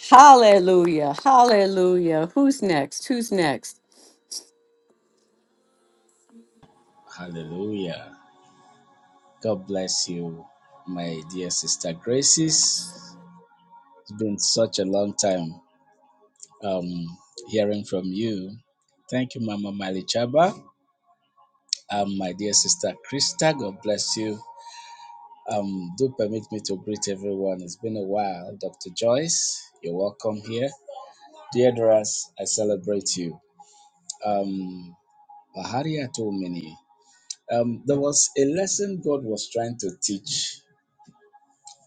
S1: Hallelujah. Hallelujah. Who's next? Who's next?
S3: Hallelujah. God bless you, my dear sister Graces. It's been such a long time um, hearing from you. Thank you, Mama Malichaba. Um, my dear sister Krista, God bless you. Um, do permit me to greet everyone. It's been a while. Dr. Joyce, you're welcome here. Deodoras, I celebrate you. Um, Baharia Tumini. Um, there was a lesson God was trying to teach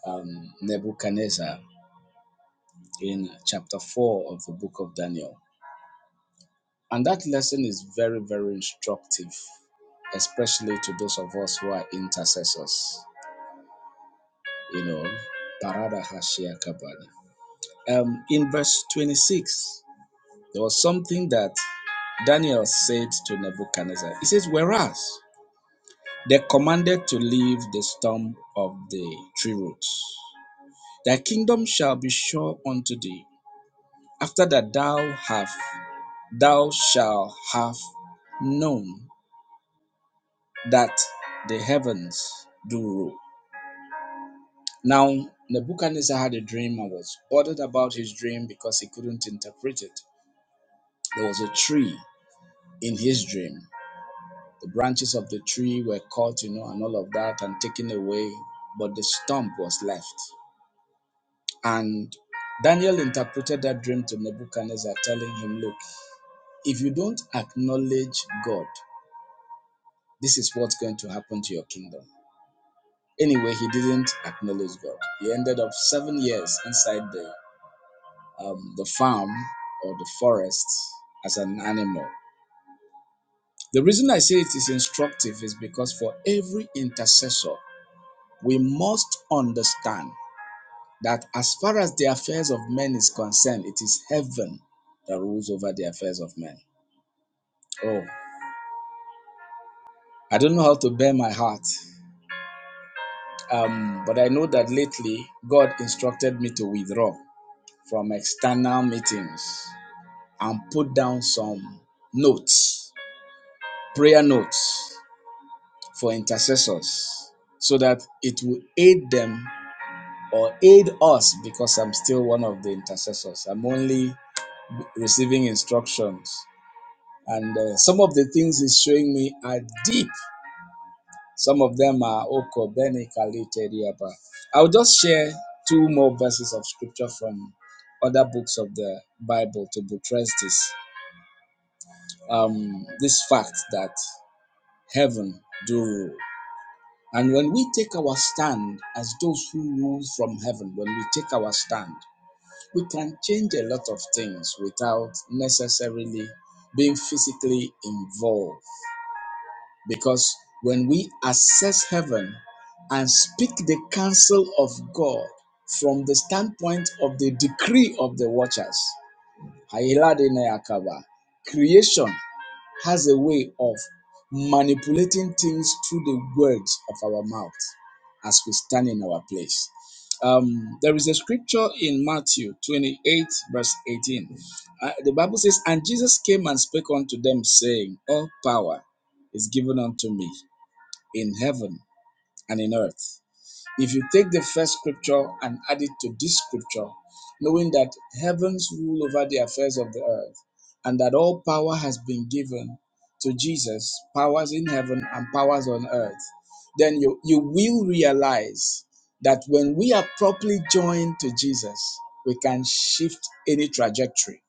S3: um, Nebuchadnezzar in chapter 4 of the book of Daniel. And that lesson is very, very instructive, especially to those of us who are intercessors. You know, Parada Hashia Kabada. Um, in verse 26, there was something that Daniel said to Nebuchadnezzar. He says, Whereas they commanded to leave the stump of the tree roots, thy kingdom shall be sure unto thee, after that thou have thou shalt have known that the heavens do rule. Now, Nebuchadnezzar had a dream and was bothered about his dream because he couldn't interpret it. There was a tree in his dream. The branches of the tree were cut, you know, and all of that and taken away, but the stump was left. And Daniel interpreted that dream to Nebuchadnezzar, telling him, Look, if you don't acknowledge God, this is what's going to happen to your kingdom. Anyway, he didn't acknowledge God. He ended up seven years inside the um, the farm or the forest as an animal. The reason I say it is instructive is because for every intercessor, we must understand that as far as the affairs of men is concerned, it is heaven that rules over the affairs of men. Oh, I don't know how to bear my heart, um, but I know that lately God instructed me to withdraw from external meetings and put down some notes, prayer notes for intercessors so that it will aid them or aid us because I'm still one of the intercessors. I'm only receiving instructions. And uh, some of the things he's showing me are deep. Some of them are Oko, Bene, Kali, Tedi, I'll just share two more verses of scripture from other books of the Bible to buttress this um, this fact that heaven do rule. And when we take our stand as those who rule from heaven, when we take our stand, we can change a lot of things without necessarily being physically involved. Because when we assess heaven and speak the counsel of God from the standpoint of the decree of the watchers, creation has a way of manipulating things through the words of our mouth as we stand in our place. Um, there is a scripture in Matthew 28, verse 18. Uh, the Bible says, And Jesus came and spake unto them, saying, All power is given unto me in heaven and in earth. If you take the first scripture and add it to this scripture, knowing that heavens rule over the affairs of the earth, and that all power has been given to Jesus, powers in heaven and powers on earth, then you, you will realize that when we are properly joined to Jesus, we can shift any trajectory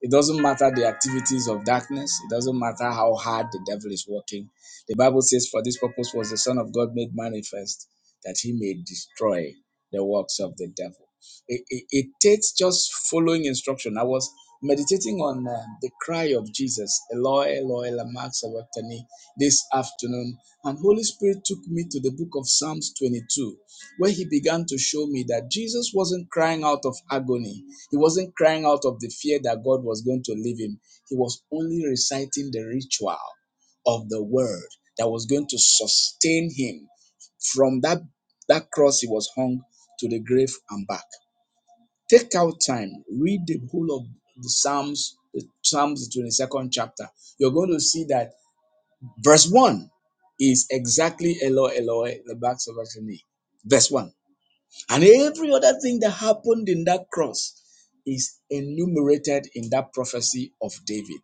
S3: it doesn't matter the activities of darkness. It doesn't matter how hard the devil is working. The Bible says, For this purpose was the Son of God made manifest, that he may destroy the works of the devil. It, it, it takes just following instruction. I was meditating on uh, the cry of Jesus, Eloi, Eloi, lama sabachthani, this afternoon, and Holy Spirit took me to the book of Psalms 22, where he began to show me that Jesus wasn't crying out of agony he wasn't crying out of the fear that God was going to leave him. He was only reciting the ritual of the word that was going to sustain him from that, that cross he was hung to the grave and back. Take out time, read the whole of the Psalms, the Psalms, the 22nd chapter. You're going to see that verse 1 is exactly Eloi, Eloi, the backs of Ashani. Verse 1. And every other thing that happened in that cross is enumerated in that prophecy of David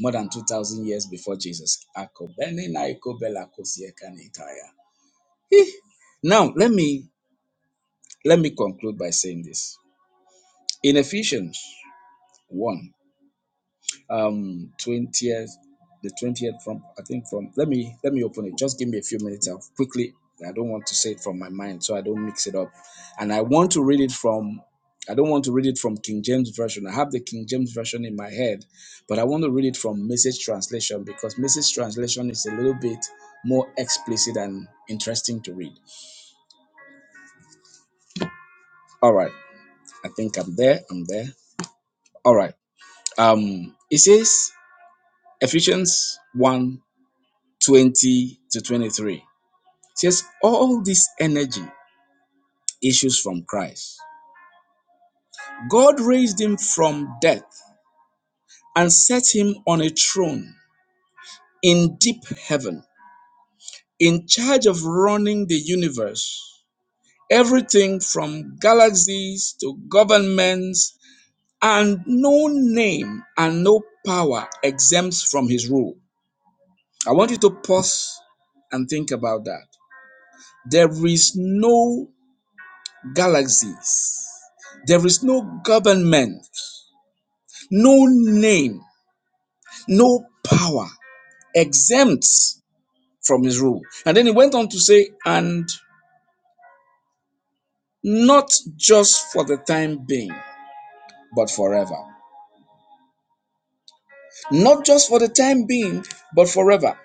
S3: more than 2,000 years before Jesus. Akobene na ikobela kosiekane itaya. Eh. Now, let me let me conclude by saying this. In Ephesians 1, um 20th the 20th from i think from let me let me open it just give me a few minutes i'll quickly i don't want to say it from my mind so i don't mix it up and i want to read it from i don't want to read it from king james version i have the king james version in my head but i want to read it from message translation because message translation is a little bit more explicit and interesting to read all right i think i'm there i'm there all right um it says ephesians one 20 to 23 Says all this energy issues from Christ. God raised him from death and set him on a throne in deep heaven, in charge of running the universe. Everything from galaxies to governments, and no name and no power exempts from his rule. I want you to pause and think about that. There is no galaxies, there is no government No name, no power exempts from his rule. And then he went on to say, and not just for the time being, but forever. Not just for the time being, but forever.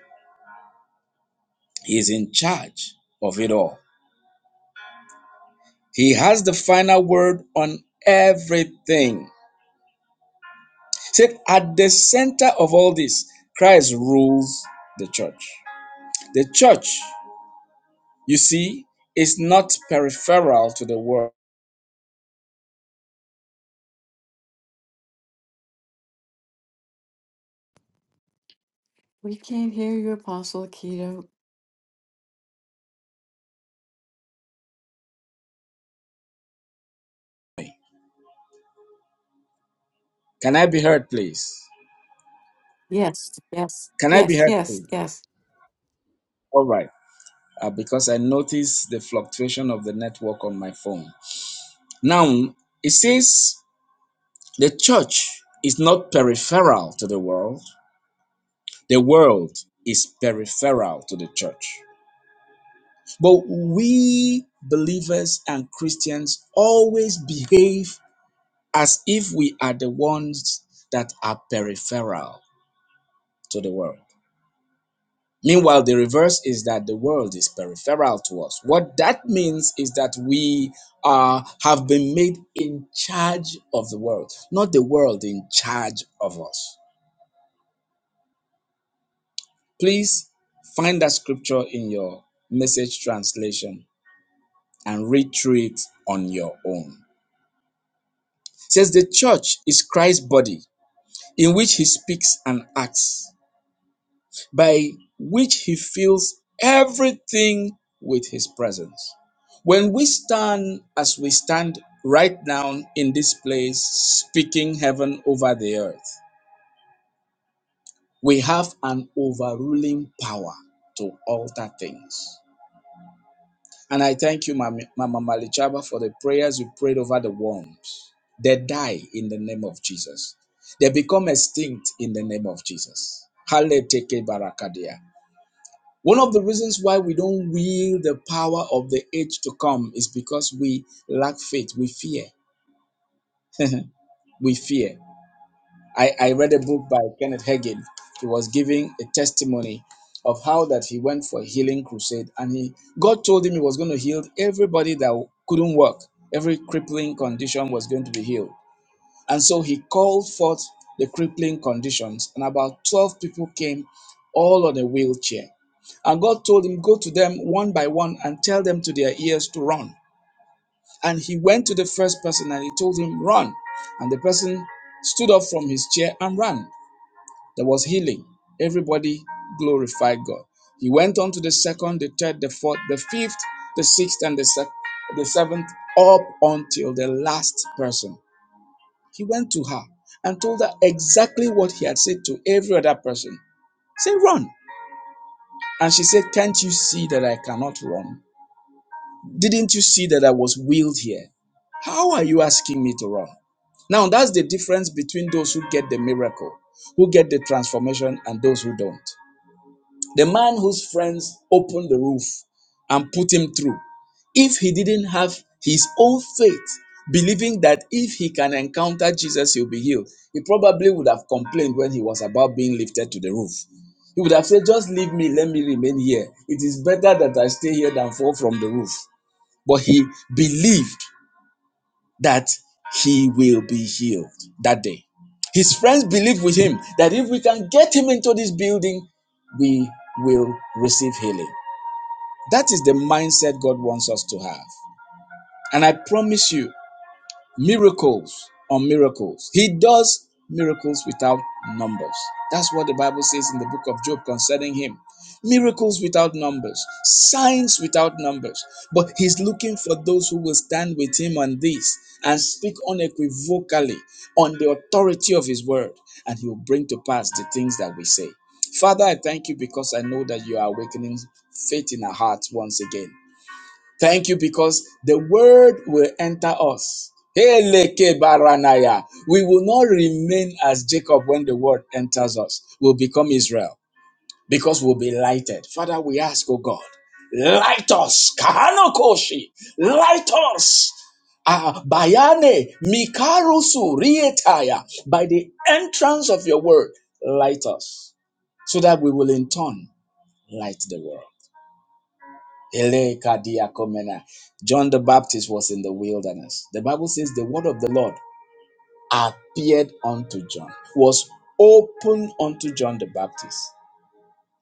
S3: He is in charge of it all. He has the final word on everything. He said, at the center of all this, Christ rules the church. The church, you see, is not peripheral to the world.
S1: We can't hear you, Apostle Keto.
S3: Can I be heard, please?
S1: Yes, yes,
S3: Can I be
S1: yes,
S3: heard,
S1: yes,
S3: please?
S1: yes.
S3: All right. Uh, because I noticed the fluctuation of the network on my phone. Now, it says the church is not peripheral to the world, the world is peripheral to the church. But we believers and Christians always behave as if we are the ones that are peripheral to the world. Meanwhile, the reverse is that the world is peripheral to us. What that means is that we are have been made in charge of the world, not the world in charge of us. Please find that scripture in your message translation and read through it on your own. It says the church is Christ's body in which he speaks and acts. by which he fills everything with his presence. When we stand as we stand right now in this place, speaking heaven over the earth, we have an overruling power to alter things. And I thank you, Mami- Mama Malichaba, for the prayers you prayed over the worms. They die in the name of Jesus. They become extinct in the name of Jesus. Hallelujah. One of the reasons why we don't wield the power of the age to come is because we lack faith. We fear. We fear. I, I read a book by Kenneth Hagin. He was giving a testimony of how that he went for a healing crusade and he God told him he was going to heal everybody that couldn't work. Every crippling condition was going to be healed. And so he called forth the crippling conditions, and about 12 people came, all on a wheelchair. And God told him, Go to them one by one and tell them to their ears to run. And he went to the first person and he told him, Run. And the person stood up from his chair and ran. There was healing. Everybody glorified God. He went on to the second, the third, the fourth, the fifth, the sixth, and the, se- the seventh, up until the last person. He went to her and told her exactly what he had said to every other person. Say, run. And she said, Can't you see that I cannot run? Didn't you see that I was wheeled here? How are you asking me to run? Now, that's the difference between those who get the miracle, who get the transformation, and those who don't. The man whose friends opened the roof and put him through, if he didn't have his own faith, believing that if he can encounter Jesus, he'll be healed, he probably would have complained when he was about being lifted to the roof. He would have said, Just leave me, let me remain here. It is better that I stay here than fall from the roof. But he believed that he will be healed that day. His friends believed with him that if we can get him into this building, we will receive healing. That is the mindset God wants us to have. And I promise you miracles on miracles. He does miracles without numbers. That's what the Bible says in the book of Job concerning him. Miracles without numbers, signs without numbers. But he's looking for those who will stand with him on this and speak unequivocally on the authority of his word, and he will bring to pass the things that we say. Father, I thank you because I know that you are awakening faith in our hearts once again. Thank you because the word will enter us. Eleke baranaya. We will not remain as Jacob when the word enters us. We'll become Israel because we'll be lighted. Father, we ask, oh God, light us. Kahano koshi. Light us. Ah, bayane mikarusu rietaya. By the entrance of your word, light us so that we will in turn light the world. Elekadiakomena. John the Baptist was in the wilderness. The Bible says the word of the Lord appeared unto John, was open unto John the Baptist,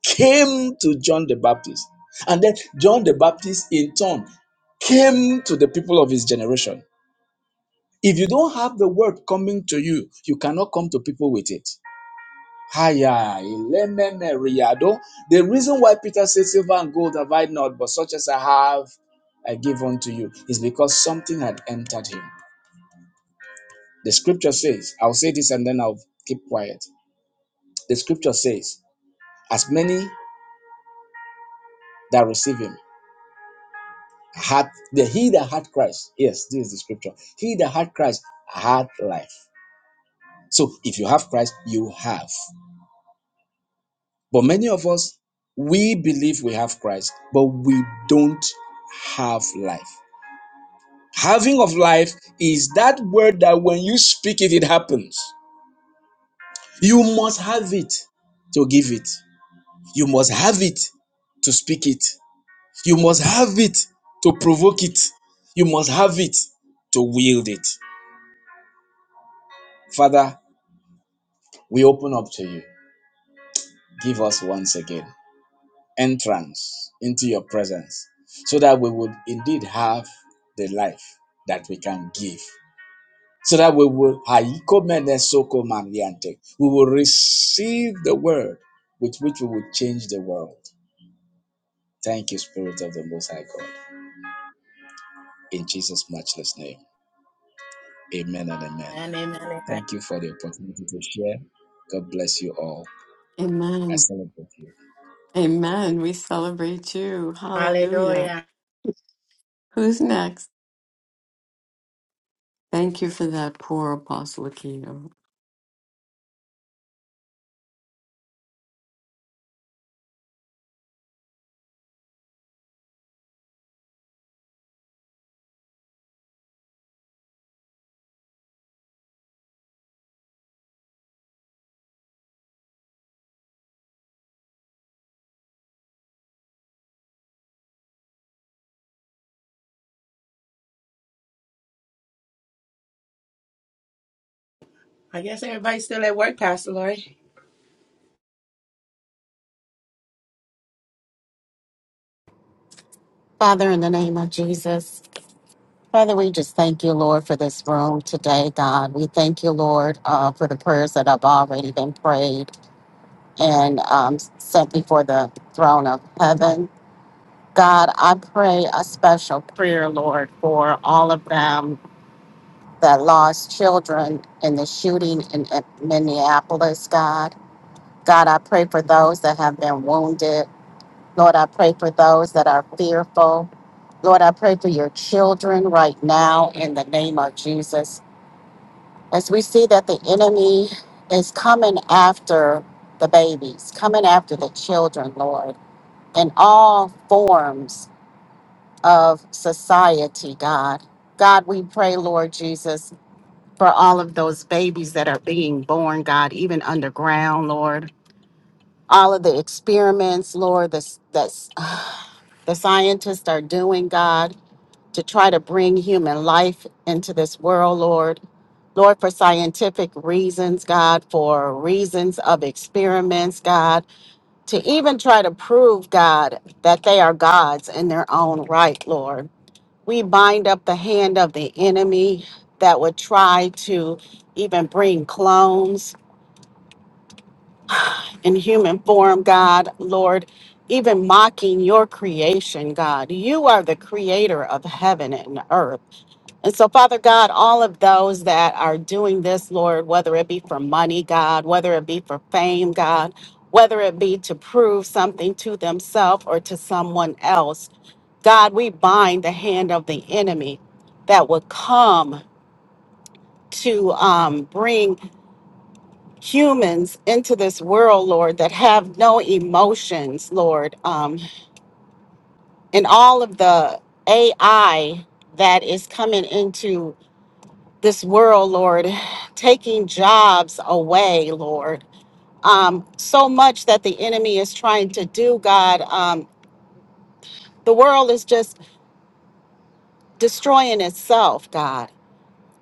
S3: came to John the Baptist. And then John the Baptist, in turn, came to the people of his generation. If you don't have the word coming to you, you cannot come to people with it. Haya, ilemene riado. The reason why Peter said, Silver and gold have I not, but such as I have, I give unto you, is because something had entered him. The scripture says, I'll say this and then I'll keep quiet. The scripture says, As many that receive him, had the he that had Christ, yes, this is the scripture. He that had Christ had life. So if you have Christ, you have. But many of us, we believe we have Christ, but we don't have life. Having of life is that word that when you speak it, it happens. You must have it to give it. You must have it to speak it. You must have it to provoke it. You must have it to wield it. Father, we open up to you. Give us once again entrance into your presence so that we would indeed have the life that we can give. so that we will we will receive the word with which we will change the world. Thank you, Spirit of the Most High God. In Jesus' matchless name. Amen and amen.
S2: Amen, amen, amen.
S3: Thank you for the opportunity to share. God bless you all.
S1: Amen.
S3: I celebrate you.
S1: Amen. We celebrate you. Hallelujah.
S2: Hallelujah.
S1: Who's next? Thank you for that poor Apostle Aquino.
S2: I guess everybody's still at work, Pastor Lori.
S4: Father, in the name of Jesus, Father, we just thank you, Lord, for this room today, God. We thank you, Lord, uh, for the prayers that have already been prayed and um, sent before the throne of heaven. God, I pray a special prayer, Lord, for all of them that lost children in the shooting in in Minneapolis, God. God, I pray for those that have been wounded. Lord, I pray for those that are fearful. Lord, I pray for your children right now in the name of Jesus. As we see that the enemy is coming after the babies, coming after the children, Lord, in all forms of society, God. God, we pray, Lord Jesus, for all of those babies that are being born, God, even underground, Lord. All of the experiments, Lord, that's, that's the scientists are doing, God. to try to bring human life into this world, Lord. Lord, for scientific reasons, God, for reasons of experiments, God, to even try to prove, God, that they are gods in their own right, Lord. We bind up the hand of the enemy that would try to even bring clones in human form, God, Lord, even mocking your creation, God. You are the creator of heaven and earth. And so, Father God, all of those that are doing this, Lord, whether it be for money, God, whether it be for fame, God, whether it be to prove something to themselves or to someone else, God, we bind the hand of the enemy that would come to um, bring humans into this world, Lord, that have no emotions, Lord, um, and all of the AI that is coming into this world, Lord, taking jobs away, Lord. Um, so much that the enemy is trying to do, God. Um, the world is just destroying itself, God.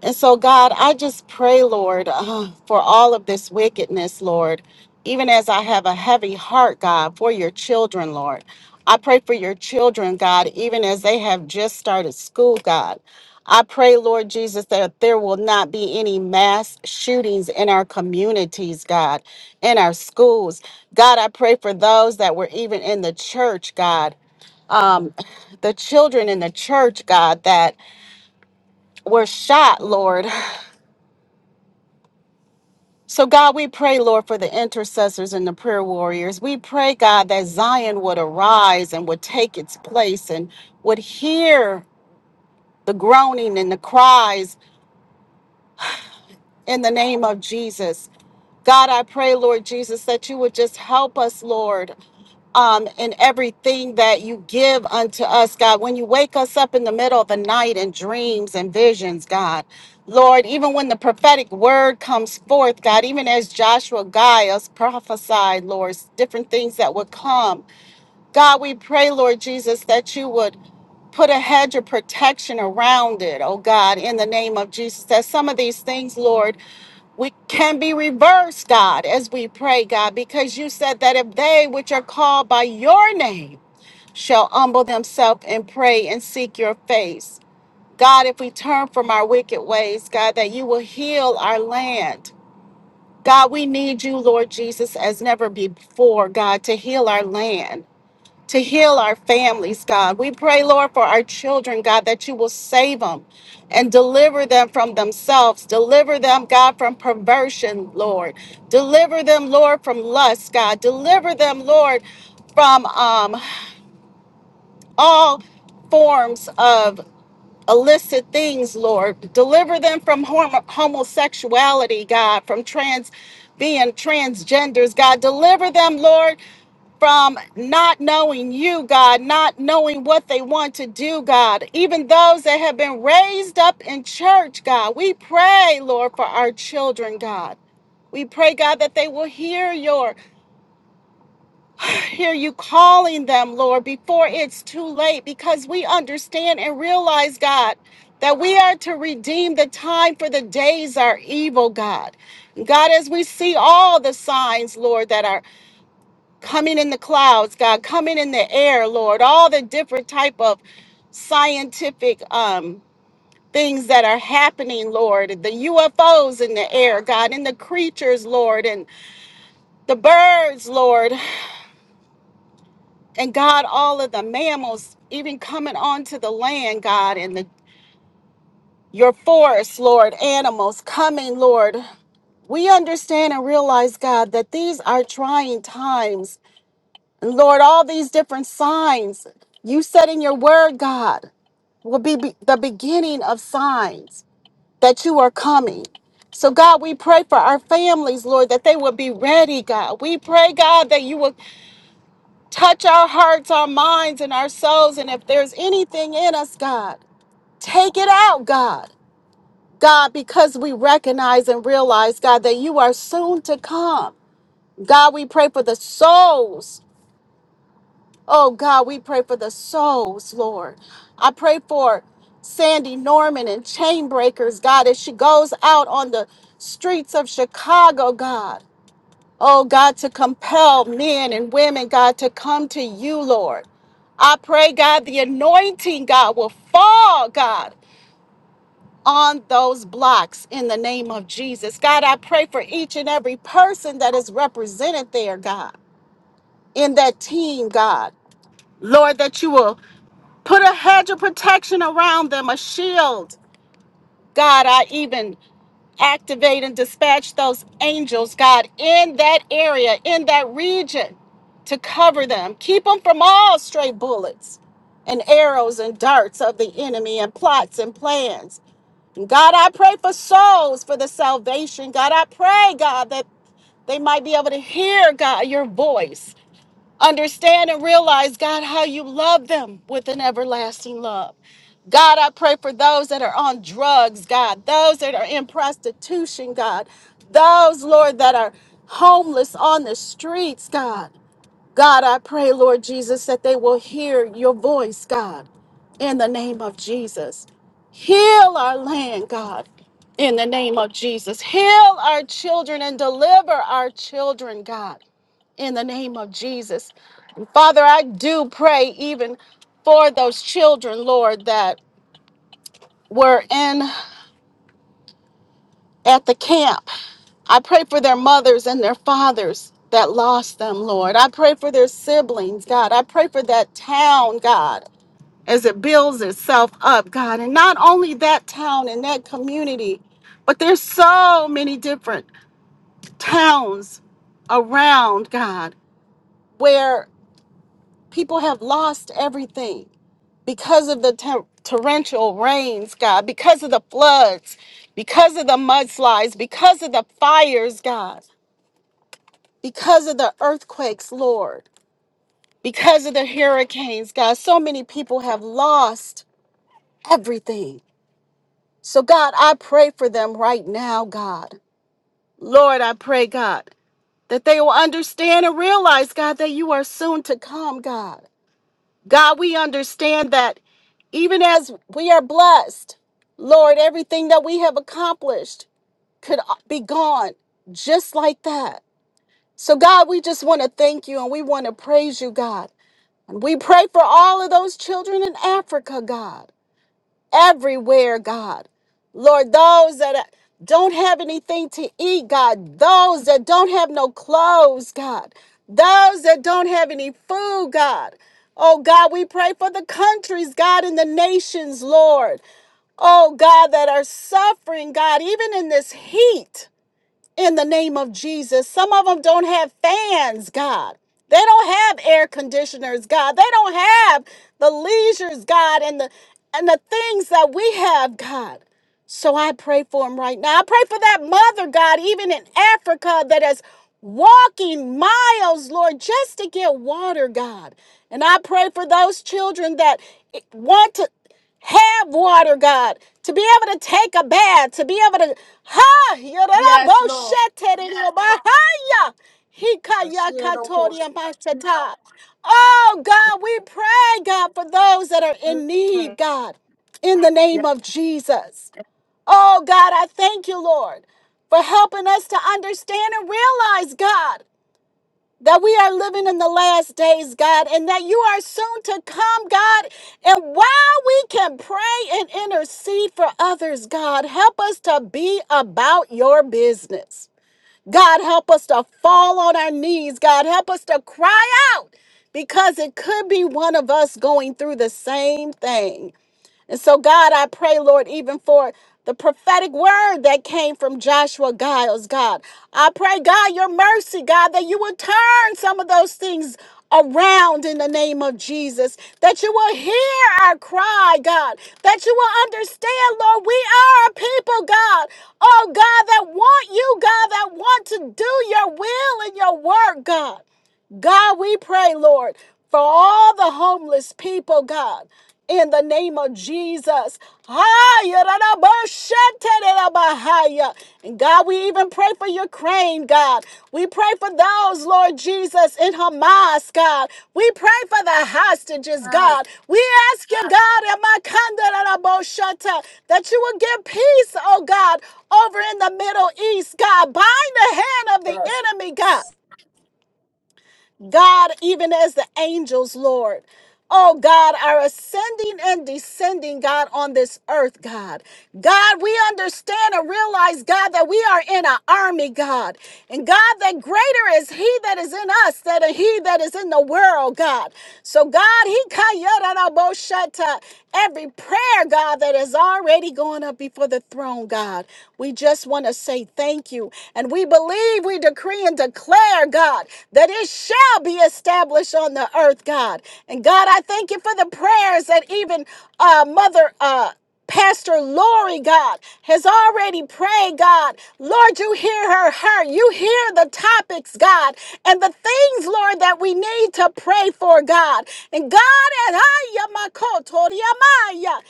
S4: And so, God, I just pray, Lord, uh, for all of this wickedness, Lord, even as I have a heavy heart, God, for your children, Lord. I pray for your children, God, even as they have just started school, God. I pray, Lord Jesus, that there will not be any mass shootings in our communities, God, in our schools. God, I pray for those that were even in the church, God um, the children in the church, God, that were shot, Lord. So, God, we pray, Lord, for the intercessors and the prayer warriors. We pray, God, that Zion would arise and would take its place and would hear the groaning and the cries in the name of Jesus. God, I pray, Lord Jesus, that you would just help us, Lord. um, in everything that you give unto us, God. When you wake us up in the middle of the night in dreams and visions, God. Lord, even when the prophetic word comes forth, God, even as Joshua Gaius prophesied, Lord, different things that would come. God, we pray, Lord Jesus, that you would put a hedge of protection around it, oh God, in the name of Jesus, that some of these things, Lord, we can be reversed, God, as we pray, God, because you said that if they which are called by your name shall humble themselves and pray and seek your face. God, if we turn from our wicked ways, God, that you will heal our land. God, we need you, Lord Jesus, as never before, God, to heal our land to heal our families, God. We pray, Lord, for our children, God, that you will save them and deliver them from themselves. Deliver them, God, from perversion, Lord. Deliver them, Lord, from lust, God. Deliver them, Lord, from um, all forms of illicit things, Lord. Deliver them from homo- homosexuality, God, from trans being transgenders, God. Deliver them, Lord, from not knowing you, God, not knowing what they want to do, God. Even those that have been raised up in church, God, we pray, Lord, for our children, God. We pray, God, that they will hear your hear you calling them, Lord, before it's too late, because we understand and realize, God, that we are to redeem the time for the days are evil, God. God, as we see all the signs, Lord, that are coming in the clouds, God, coming in the air, Lord, all the different type of scientific um things that are happening, Lord, the UFOs in the air, God, and the creatures, Lord, and the birds, Lord. and God, all of the mammals even coming onto the land, God, and the your forests, Lord, animals coming, Lord. We understand and realize, God, that these are trying times. And Lord, all these different signs you said in your word, God, will be, be the beginning of signs that you are coming. So, God, we pray for our families, Lord, that they will be ready, God. We pray, God, that you will Touch our hearts, our minds, and our souls. And if there's anything in us, God, take it out, God. God, because we recognize and realize, God, that you are soon to come. God, we pray for the souls. Oh, God, we pray for the souls, Lord. I pray for Sandy Norman and Chainbreakers, God, as she goes out on the streets of Chicago, God. Oh God, to compel men and women, God, to come to you, Lord. I pray, God, the anointing, God, will fall, God, on those blocks in the name of Jesus. God, I pray for each and every person that is represented there, God, in that team, God. Lord, that you will put a hedge of protection around them, a shield. God, I even activate and dispatch those angels, God, in that area, in that region to cover them. Keep them from all stray bullets and arrows and darts of the enemy and plots and plans. And God, I pray for souls for the salvation. God, I pray, God, that they might be able to hear, God, your voice understand and realize, God, how you love them with an everlasting love. God, I pray for those that are on drugs, God, those that are in prostitution, God, those, Lord, that are homeless on the streets, God. God, I pray, Lord Jesus, that they will hear your voice, God, in the name of Jesus. Heal our land, God, in the name of Jesus. Heal our children and deliver our children, God, in the name of Jesus. And Father, I do pray even for those children, Lord, that were in. at the camp. I pray for their mothers and their fathers that lost them, Lord. I pray for their siblings, God. I pray for that town, God, as it builds itself up, God. And not only that town and that community, but there's so many different towns around, God, where people have lost everything because of the ter- torrential rains, God, because of the floods, because of the mudslides, because of the fires, God. because of the earthquakes, Lord, because of the hurricanes, God, so many people have lost everything. So, God, I pray for them right now, God. Lord, I pray, God, that they will understand and realize, God, that you are soon to come, God. God, we understand that even as we are blessed, Lord, everything that we have accomplished could uh, be gone just like that. So, God, we just want to thank you and we want to praise you, God. And we pray for all of those children in Africa, God, everywhere, God. Lord, those that don't have anything to eat, God, those that don't have no clothes, God, those that don't have any food, God. Oh, God, we pray for the countries, God, and the nations, Lord. Oh, God, that are suffering, God, even in this heat in the name of Jesus. Some of them don't have fans, God. They don't have air conditioners, God. They don't have the leisures, God, and the and the things that we have, God. So I pray for them right now. I pray for that mother, God, even in Africa that is walking miles, Lord, just to get water, God. And I pray for those children that want to have water, God, to be able to take a bath, to be able to ha
S2: Yes, Lord.
S4: yorabosheteriyobahaya,
S2: Ashielo kos-
S4: hikayakatoriyamashata. Oh God, we pray, God, for those that are in
S2: Mm,
S4: need, God, in the name of Jesus. Oh God, I thank you, Lord, for helping us to understand and realize, God that we are living in the last days, God, and that you are soon to come, God. And while we can pray and intercede for others, God, help us to be about your business. God, help us to fall on our knees. God, help us to cry out because it could be one of us going through the same thing. And so, God, I pray, Lord, even for the prophetic word that came from Joshua Giles, God. I pray, God, your mercy, God, that you would turn some of those things around in the name of Jesus, that you will hear our cry, God, that you will understand, Lord, we are a people, God, oh God, that want you, God, that want to do your will and your work, God. God, we pray, Lord, for all the homeless people, God. In the name of Jesus. And God, we even pray for Ukraine, God. We pray for those, Lord Jesus, in Hamas, God. We pray for the hostages,
S2: Yes.
S4: God. We ask you, God, that you will give peace, oh God, over in the Middle East, God. Bind the hand of the
S2: Yes.
S4: enemy, God. God, even as the angels, Lord. Oh God, are ascending and descending, God, on this earth, God. God, we understand and realize, God, that we are in an army, God. And God, that greater is He that is in us than He that is in the world, God. So, God, He kayaranaboshata, every prayer, God, that is already going up before the throne, God. We just want to say thank you. And we believe, we decree and declare, God, that it shall be established on the earth, God. And God, I thank you for the prayers that even uh, Mother. Uh, Pastor Lori, God, has already prayed, God. Lord, you hear her heart. You hear the topics, God, and the things, Lord, that we need to pray for, God. And God, and I, Yamakoto, Yamaya,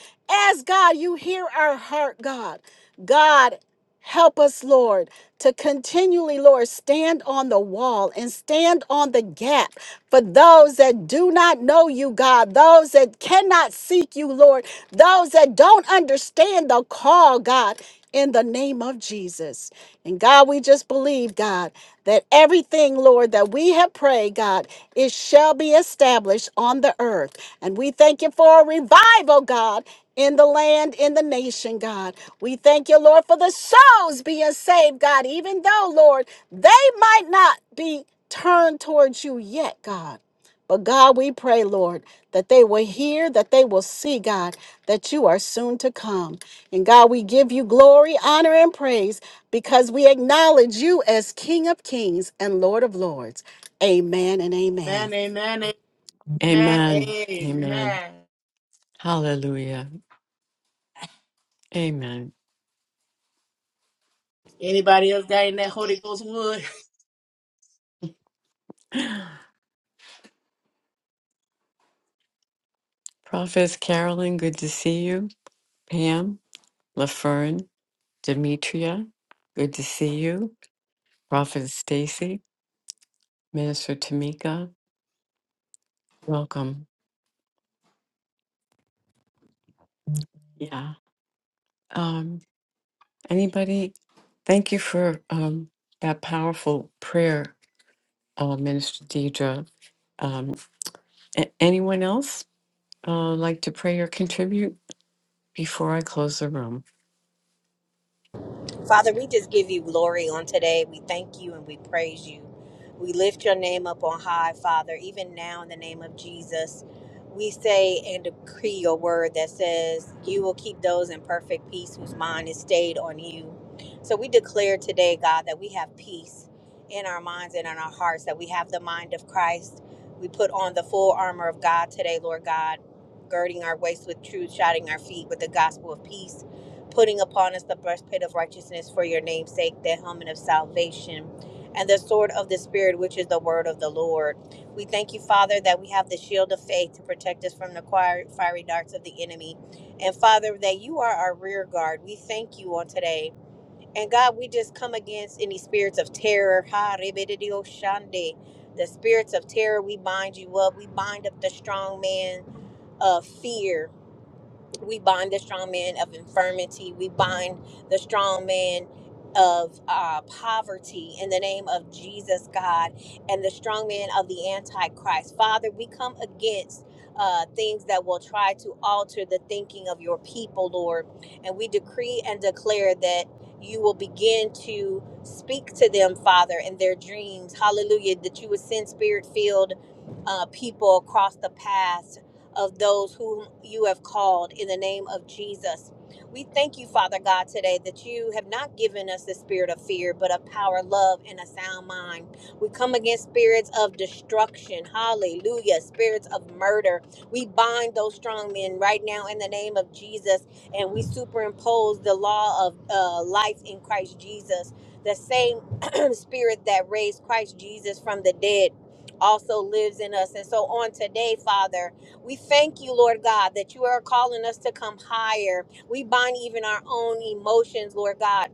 S4: as God, you hear our heart, God. God, Help us, Lord, to continually, Lord, stand on the wall and stand on the gap for those that do not know you, God, those that cannot seek you, Lord, those that don't understand the call, God, in the name of Jesus. And God, we just believe, God, that everything, Lord, that we have prayed, God, it shall be established on the earth. And we thank you for a revival, God, in the land, in the nation, God. We thank you, Lord, for the souls being saved, God, even though, Lord, they might not be turned towards you yet, God. But God, we pray, Lord, that they will hear, that they will see, God, that you are soon to come. And God, we give you glory, honor, and praise because we acknowledge you as King of Kings and Lord of Lords. Amen and amen.
S2: Amen, amen, amen,
S1: Amen. Amen.
S2: amen.
S1: Hallelujah. Amen.
S2: Anybody else got in that Holy Ghost wood?
S1: Prophetess Carolyn, good to see you. Pam, LaFern, Demetria, good to see you. Prophetess Stacy, Minister Tamika, welcome. Yeah. Um, anybody, thank you for um, that powerful prayer, uh, Minister Deidre. Um, A- anyone else uh, like to pray or contribute before I close the room?
S5: Father, we just give you glory on today. We thank you and we praise you. We lift your name up on high, Father, even now in the name of Jesus. We say and decree your word that says, You will keep those in perfect peace whose mind is stayed on you. So we declare today, God, that we have peace in our minds and in our hearts, that we have the mind of Christ. We put on the full armor of God today, Lord God, girding our waist with truth, shodding our feet with the gospel of peace putting upon us the breastplate of righteousness for your name's sake, the helmet of salvation, and the sword of the Spirit, which is the word of the Lord. We thank you, Father, that we have the shield of faith to protect us from the choir- fiery darts of the enemy. And Father, that you are our rear guard. We thank you on today. And God, we just come against any spirits of terror. Ha, rebededio shande. The spirits of terror, we bind you up. We bind up the strong man of fear we bind the strong man of infirmity we bind the strong man of uh, poverty in the name of jesus god and the strong man of the antichrist father we come against uh, things that will try to alter the thinking of your people lord and we decree and declare that you will begin to speak to them father in their dreams hallelujah that you would send spirit filled uh, people across the path of those whom you have called in the name of Jesus. We thank you, Father God, today that you have not given us the spirit of fear, but of power, love, and a sound mind. We come against spirits of destruction. Hallelujah. Spirits of murder. We bind those strong men right now in the name of Jesus, and we superimpose the law of uh, life in Christ Jesus. The same spirit that raised Christ Jesus from the dead also lives in us. And so on today, Father. We thank you, Lord God, that you are calling us to come higher. We bind even our own emotions, Lord God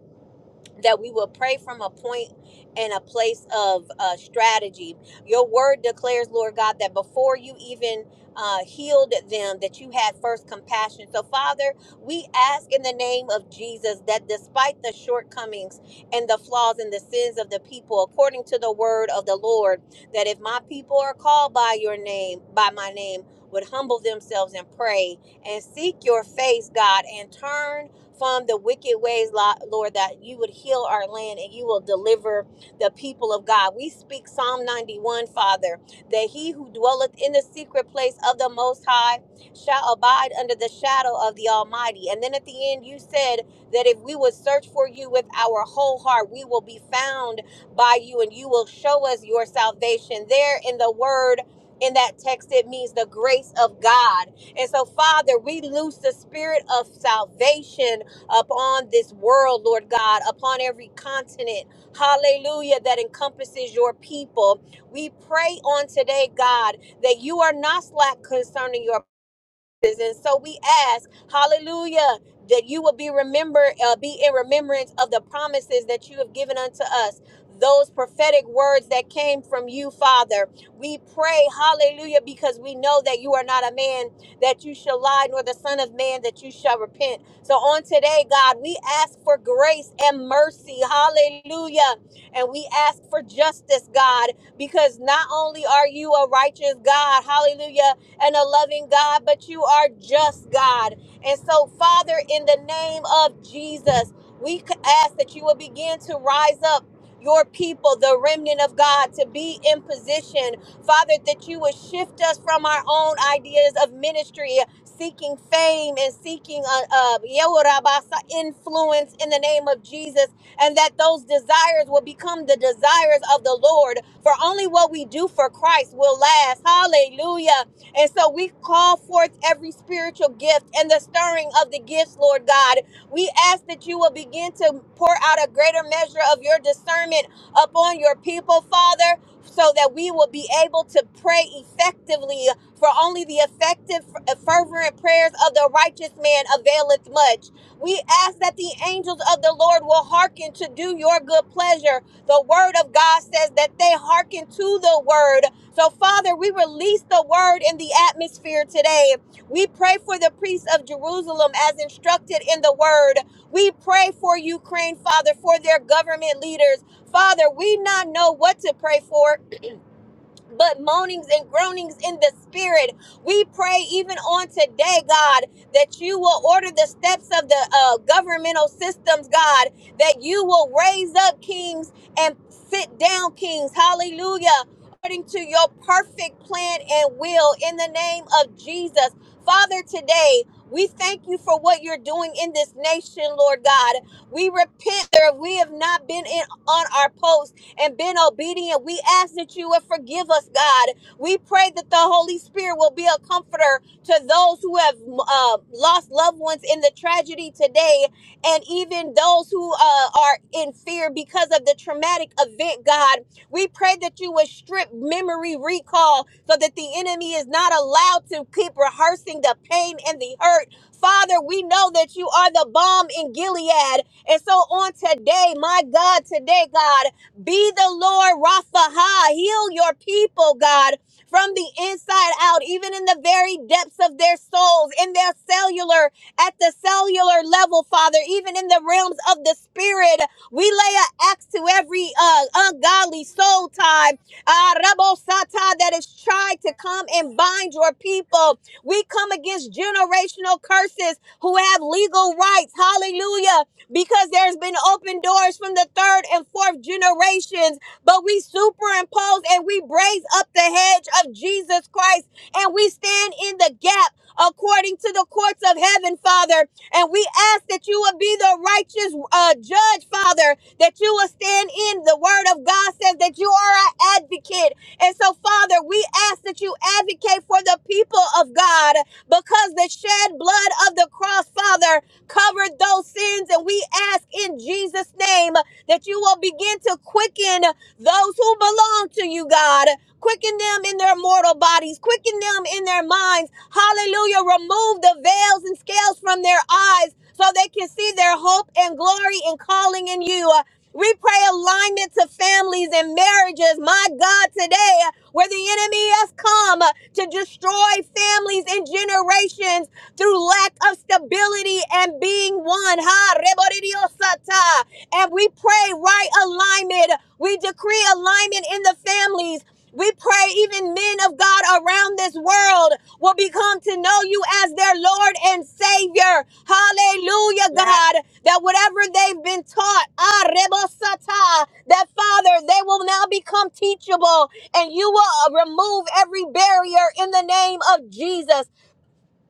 S5: that we will pray from a point and a place of uh, strategy. Your word declares, Lord God, that before you even uh, healed them, that you had first compassion. So, Father, we ask in the name of Jesus that despite the shortcomings and the flaws and the sins of the people, according to the word of the Lord, that if my people are called by your name, by my name, would humble themselves and pray and seek your face, God, and turn from the wicked ways, Lord, that you would heal our land and you will deliver the people of God. We speak Psalm 91, Father, that he who dwelleth in the secret place of the Most High shall abide under the shadow of the Almighty. And then at the end, you said that if we would search for you with our whole heart, we will be found by you and you will show us your salvation. There in the word, in that text, it means the grace of God. And so, Father, we lose the spirit of salvation upon this world, Lord God, upon every continent, hallelujah, that encompasses your people. We pray on today, God, that you are not slack concerning your and so we ask, hallelujah, that you will be remember, uh, be in remembrance of the promises that you have given unto us. Those prophetic words that came from you, Father. We pray, hallelujah, because we know that you are not a man that you shall lie, nor the Son of Man that you shall repent. So on today, God, we ask for grace and mercy, hallelujah. And we ask for justice, God, because not only are you a righteous God, hallelujah, and a loving God, but you are just God. And so, Father, in the name of Jesus, we c- ask that you will begin to rise up. Your people, the remnant of God, to be in position, Father, that you would shift us from our own ideas of ministry, seeking fame and seeking uh, uh, Yehorabasa influence in the name of Jesus, and that those desires will become the desires of the Lord. For only what we do for Christ will last. Hallelujah. And so we call forth every spiritual gift and the stirring of the gifts, Lord God. We ask that you will begin to pour out a greater measure of your discernment upon your people, Father, so that we will be able to pray effectively. For only the effective, fervent prayers of the righteous man availeth much. We ask that the angels of the Lord will hearken to do your good pleasure. The word of God says that they hearken to the word so, Father, we release the word in the atmosphere today. We pray for the priests of Jerusalem as instructed in the word. We pray for Ukraine, Father, for their government leaders. Father, we not know what to pray for but moanings and groanings in the spirit. We pray even on today, God, that you will order the steps of the uh, governmental systems, God, that you will raise up kings and sit down kings. Hallelujah. According to your perfect plan and will in the name of Jesus. Father, today, we thank you for what you're doing in this nation, Lord God. We repent if we have not been in on our post and been obedient, we ask that you would forgive us, God. We pray that the Holy Spirit will be a comforter to those who have uh, lost loved ones in the tragedy today, and even those who uh, are in fear because of the traumatic event, God. We pray that you would strip memory recall so that the enemy is not allowed to keep rehearsing the pain and the hurt. Father, we know that you are the bomb in Gilead. And so on today, my God, today, God. Be the Lord Rapha. Heal your people, God, from the inside out, even in the very depths of their souls, in their cellular, at the cellular level, Father, even in the realms of the spirit. We lay an axe to every uh, ungodly soul tie, uh, Rabo Sata, that has tried to come and bind your people. We come against generational curses who have legal rights. Hallelujah because there's been open doors from the third and fourth generations, but we superimpose and we braise up the hedge of Jesus Christ and we stand in the gap according to the courts of heaven, Father. And we ask that you will be the righteous uh, judge, Father, that you will stand in. The word of God says that you are our advocate. And so, Father, we ask that you advocate for the people of God because the shed blood of the cross, Father, covered those sins. And we ask in Jesus' name that you will begin to quicken those who belong to you, God. Quicken them in their mortal bodies, quicken them in their minds. Hallelujah. Remove the veils and scales from their eyes so they can see their hope and glory and calling in you. We pray alignment to families and marriages. My God, today, where the enemy has come to destroy families and generations through lack of stability and being one. Ha, reboridiosata. And we pray right alignment. We decree alignment in the families. We pray even men of God around this world will become to know you as their Lord and Savior. Hallelujah,
S2: Yes.
S5: God. That whatever they've been taught, ah, rebosata, that Father, they will now become teachable and you will uh, remove every barrier in the name of Jesus.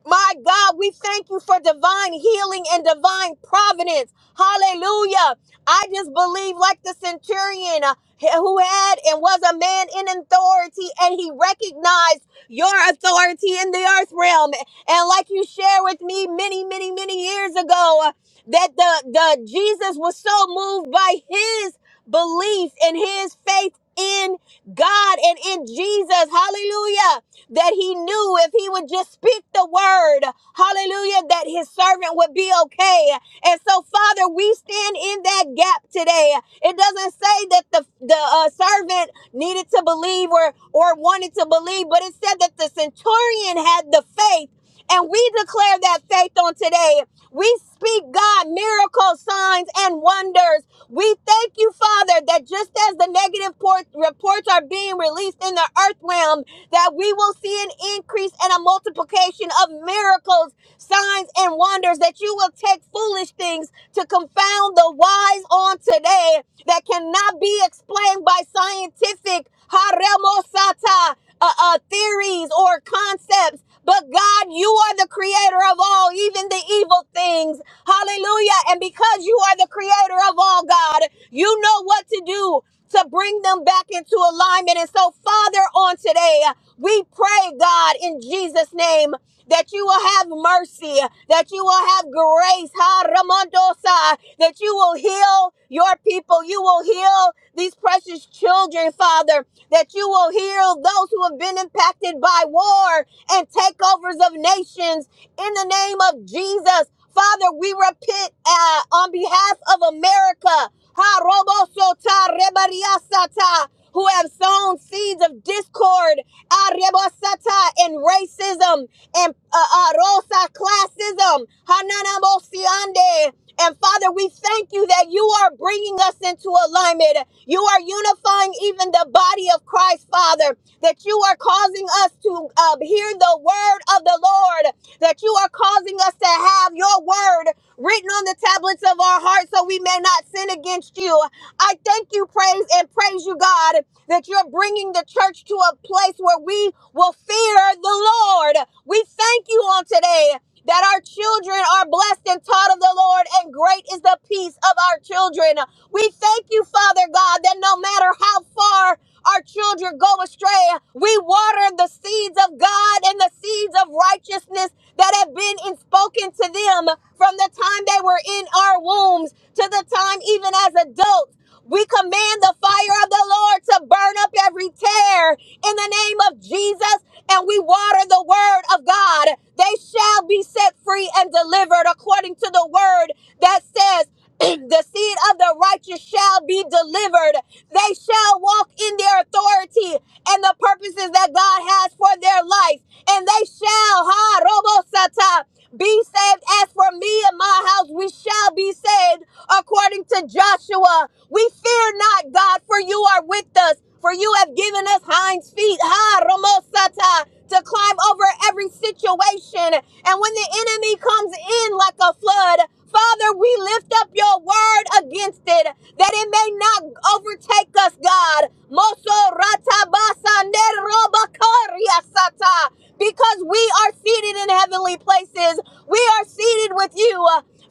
S5: My God, we thank you for divine healing and divine providence. Hallelujah. I just believe, like the centurion uh, who had and was a man in authority, and he recognized your authority in the earth realm. And like you shared with me many, many, many years ago, uh, that the, the Jesus was so moved by his belief and his faith in God and in Jesus. Hallelujah that he knew if he would just speak the word, hallelujah, that his servant would be okay. And so, Father, we stand in that gap today. It doesn't say that the, the uh, servant needed to believe or, or wanted to believe, but it said that the centurion had the faith. And we declare that faith on today. We speak, God, miracles, signs, and wonders we thank you, Father, that just as the negative port- reports are being released in the earth realm, that we will see an increase and a multiplication of miracles, signs, and wonders, that you will take foolish things to confound the wise on today that cannot be explained by scientific haremosata uh, uh, theories or concepts. But God, you are the creator of all, even the evil things. Hallelujah. And because you are the creator of all, God, you know what to do to bring them back into alignment. And so, Father, on today, we pray, God, in Jesus' name that you will have mercy, that you will have grace, ha Ramondosa, that you will heal your people, you will heal these precious children, Father, that you will heal those who have been impacted by war and takeovers of nations in the name of Jesus. Father, we repent uh, on behalf of America. Ha robosota rebariasata, who have sown seeds of discord, ah, rebosata, and racism and uh, uh, Rosa classism. Hananamosiande. And Father, we thank you that you are bringing us into alignment. You are unifying even the body of Christ, Father, that you are causing us to uh, hear the word of the Lord that you are causing us to have your word written on the tablets of our hearts so we may not sin against you. I thank you, praise and praise you, God, that you're bringing the church to a place where we will fear the Lord. We thank you on today that our children are blessed and taught of the Lord, and great is the peace of our children. We thank you, Father God, that no matter how far our children go astray, we water the seeds of God and the seeds of righteousness that have been in spoken to them from the time they were in our wombs to the time even as adults. We command the fire of the Lord to burn up every tear in the name of Jesus, and we water the word of God. They shall be set free and delivered according to the word that says, the seed of the righteous shall be delivered. They shall walk in their authority and the purposes that God has for their life. And they shall, ha, robo sata. Be saved. As for me and my house, we shall be saved, according to Joshua. We fear not, God, for you are with us. For you have given us hinds feet, ha, romosata, to climb over every situation. And when the enemy comes in like a flood, Father, we lift up your word against it that it may not overtake us, God. Moso ratabasa nerobakaria Because we are seated in heavenly places, we are seated with you.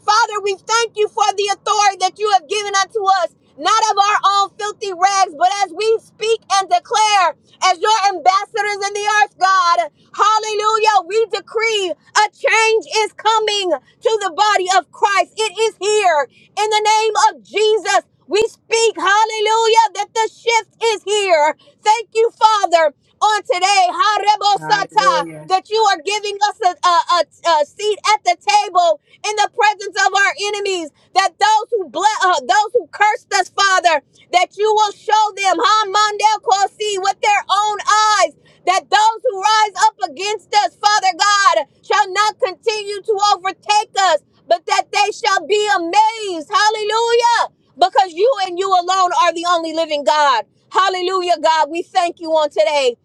S5: Father, we thank you for the authority that you have given unto us not of our own filthy rags, but as we speak and declare, as your ambassadors in the earth, God, hallelujah, we decree a change is coming to the body of Christ. It is here in the name of Jesus. We speak, hallelujah, that the shift is here. Thank you, Father, on today. Harebosata
S2: Hallelujah.
S5: that you are giving us a, a, a, a seat at the table in the presence of our enemies. That those who bless, uh, those who cursed us, Father, that you will show them, huh, Mandel Kosi, with their own eyes. That those who rise up against us, Father God, shall not continue to overtake us, but that they shall be amazed. Hallelujah. Because you and you alone are the only living God. Hallelujah, God. We thank you on today.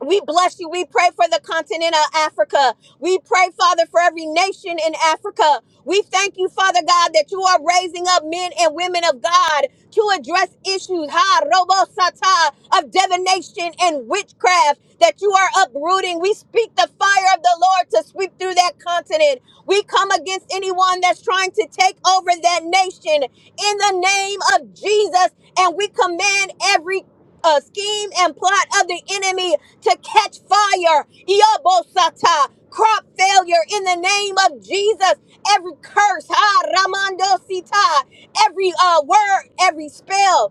S5: We bless you. We pray for the continent of Africa. We pray, Father, for every nation in Africa. We thank you, Father God, that you are raising up men and women of God to address issues, ha, robo sata, of divination and witchcraft that you are uprooting. We speak the fire of the Lord to sweep through that continent. We come against anyone that's trying to take over that nation in the name of Jesus, and we command every a scheme and plot of the enemy to catch fire. Yobosata, crop failure in the name of Jesus. Every curse, ha, Ramando Sita, every uh, word, every spell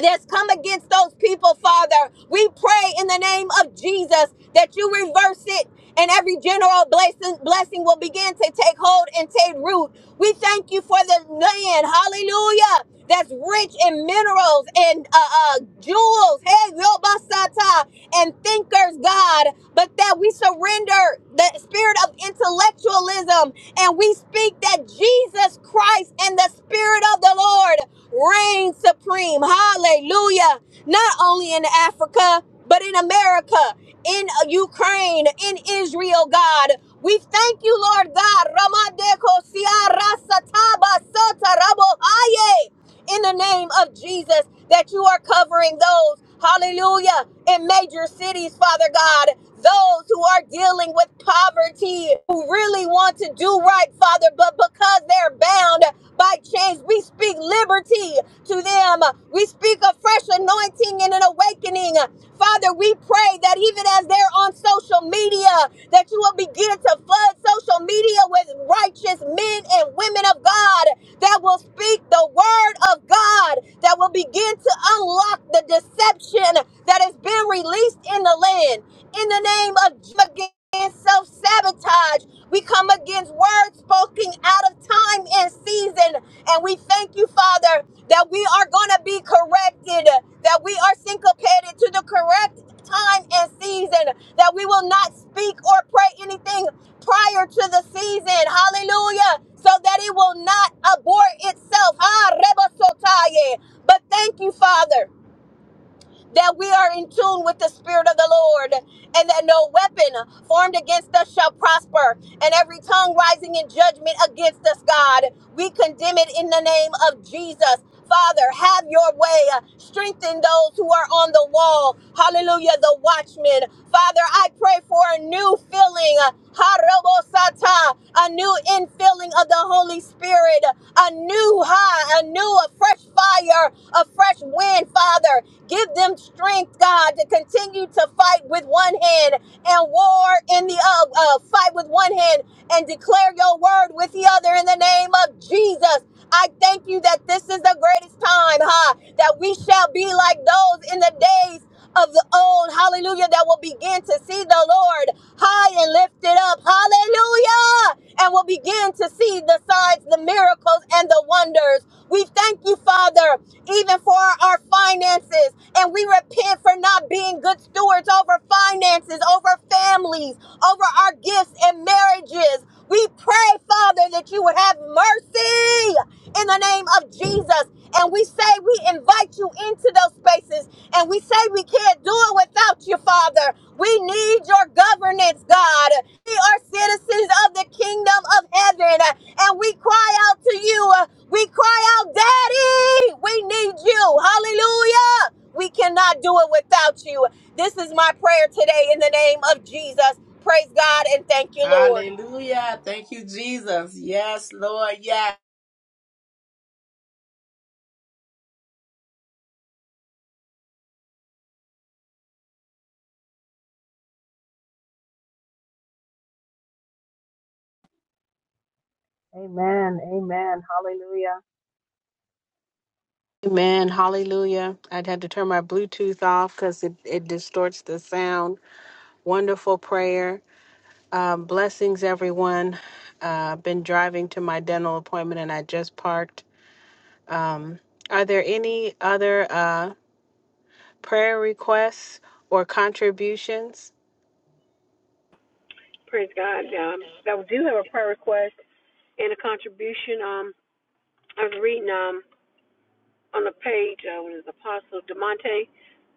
S5: that's come against those people, Father. We pray in the name of Jesus that you reverse it and every general blessing, blessing will begin to take hold and take root. We thank you for the land, hallelujah, that's rich in minerals and uh, uh, jewels, hey, yobasata, and thinkers, God, but that we surrender the spirit of intellectualism and we speak that Jesus Christ and the Spirit of the Lord reign supreme. Hallelujah. Not only in Africa, but in America, in Ukraine, in Israel, God. We thank you, Lord God. Ramadeko siara sataba sota rabo haye. In the name of Jesus, that you are covering those, hallelujah, in major cities, Father God, those who are dealing with poverty, who really want to do right, Father, but because they're bound by chains. We speak liberty to them. We speak a fresh anointing and an awakening. Father, we pray that even as they're on social media, that you will begin to flood social media with righteous men and women of God that will speak the word of God, that will begin to unlock the deception that has been released in the land. In the name of Jesus and self sabotage. We come against words spoken out of time and season. And we thank you, Father, that we are going to be corrected, that we are syncopated to the correct time and season, that we will not speak or pray anything prior to the season. Hallelujah. So that it will not abort itself. Ah, rebosotaye. But thank you, Father that we are in tune with the Spirit of the Lord, and that no weapon formed against us shall prosper, and every tongue rising in judgment against us, God, we condemn it in the name of Jesus. Father, have your way. Strengthen those who are on the wall. Hallelujah, the watchmen. Father, I pray for a new filling. Harobosata, A new infilling of the Holy Spirit a new high, a new, a fresh fire, a fresh wind, Father. Give them strength, God, to continue to fight with one hand and war in the uh, uh, fight with one hand and declare your word with the other in the name of Jesus. I thank you that this is the greatest time, huh? That we shall be like those in the days of the old, hallelujah, that will begin to see the Lord high and lifted up, hallelujah, and will begin to see the signs, the miracles, and the wonders. We thank you, Father, even for our our finances, and we repent for not being good stewards over finances, over families, over our gifts and marriages. We pray, Father, that you would have mercy in the name of Jesus. And we say we invite you into those spaces. And we say we can't do it without you, Father. We need your governance, God. We are citizens of the kingdom of heaven. And we cry out to you. We cry out, Daddy, we need you. Hallelujah. We cannot do it without you. This is my prayer today in the name of Jesus. Praise God and thank you, Lord.
S2: Hallelujah. Thank you, Jesus. Yes, Lord. Yes.
S6: Amen. Amen. Hallelujah. Amen. Hallelujah. I'd have to turn my Bluetooth off because it, it distorts the sound. Wonderful prayer. Um, blessings, everyone. Uh, I've been driving to my dental appointment and I just parked. Um, are there any other uh, prayer requests or contributions?
S7: Praise God. Um, I do have a prayer request and a contribution. Um, I was reading um on the page uh, when it was Apostle Demonte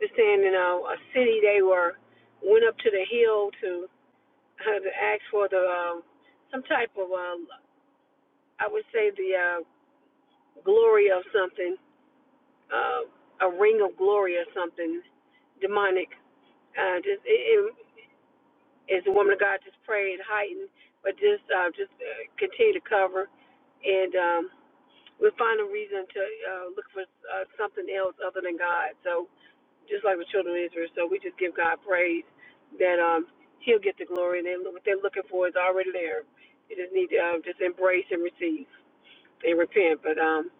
S7: just saying in uh, a city they were went up to the hill to uh, to ask for the um, some type of uh, I would say the uh, glory of something uh, a ring of glory or something demonic. Uh, just it, it, as the woman of God just prayed heightened, but just uh, just uh, continue to cover and. um. we find a reason to uh, look for uh, something else other than God. So just like the children of Israel, so we just give God praise that um, He'll get the glory, and they, what they're looking for is already there. You just need to um, just embrace and receive and repent. But um,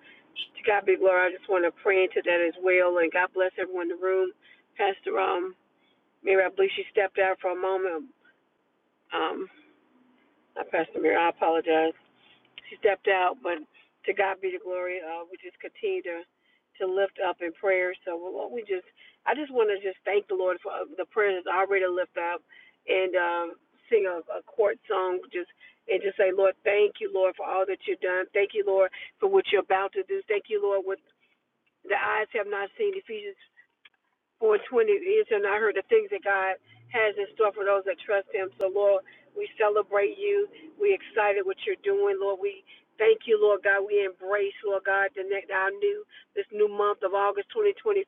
S7: to God be glory. I just want to pray into that as well, and God bless everyone in the room. Pastor um, Mary, I believe she stepped out for a moment. Um, not Pastor Mary, I apologize. she stepped out, but to God be the glory. Uh, we just continue to to lift up in prayer. So we just, I just want to just thank the Lord for uh, the prayers that's already lift up, and um, sing a, a court song, just and just say, Lord, thank you, Lord, for all that you've done. Thank you, Lord, for what you're about to do. Thank you, Lord, what the eyes have not seen. Ephesians 420 is and I heard the things that God has in store for those that trust him. So Lord, we celebrate you. We excited what you're doing, Lord. We thank you, Lord God. We embrace, Lord God, the next our new this new month of August 2025.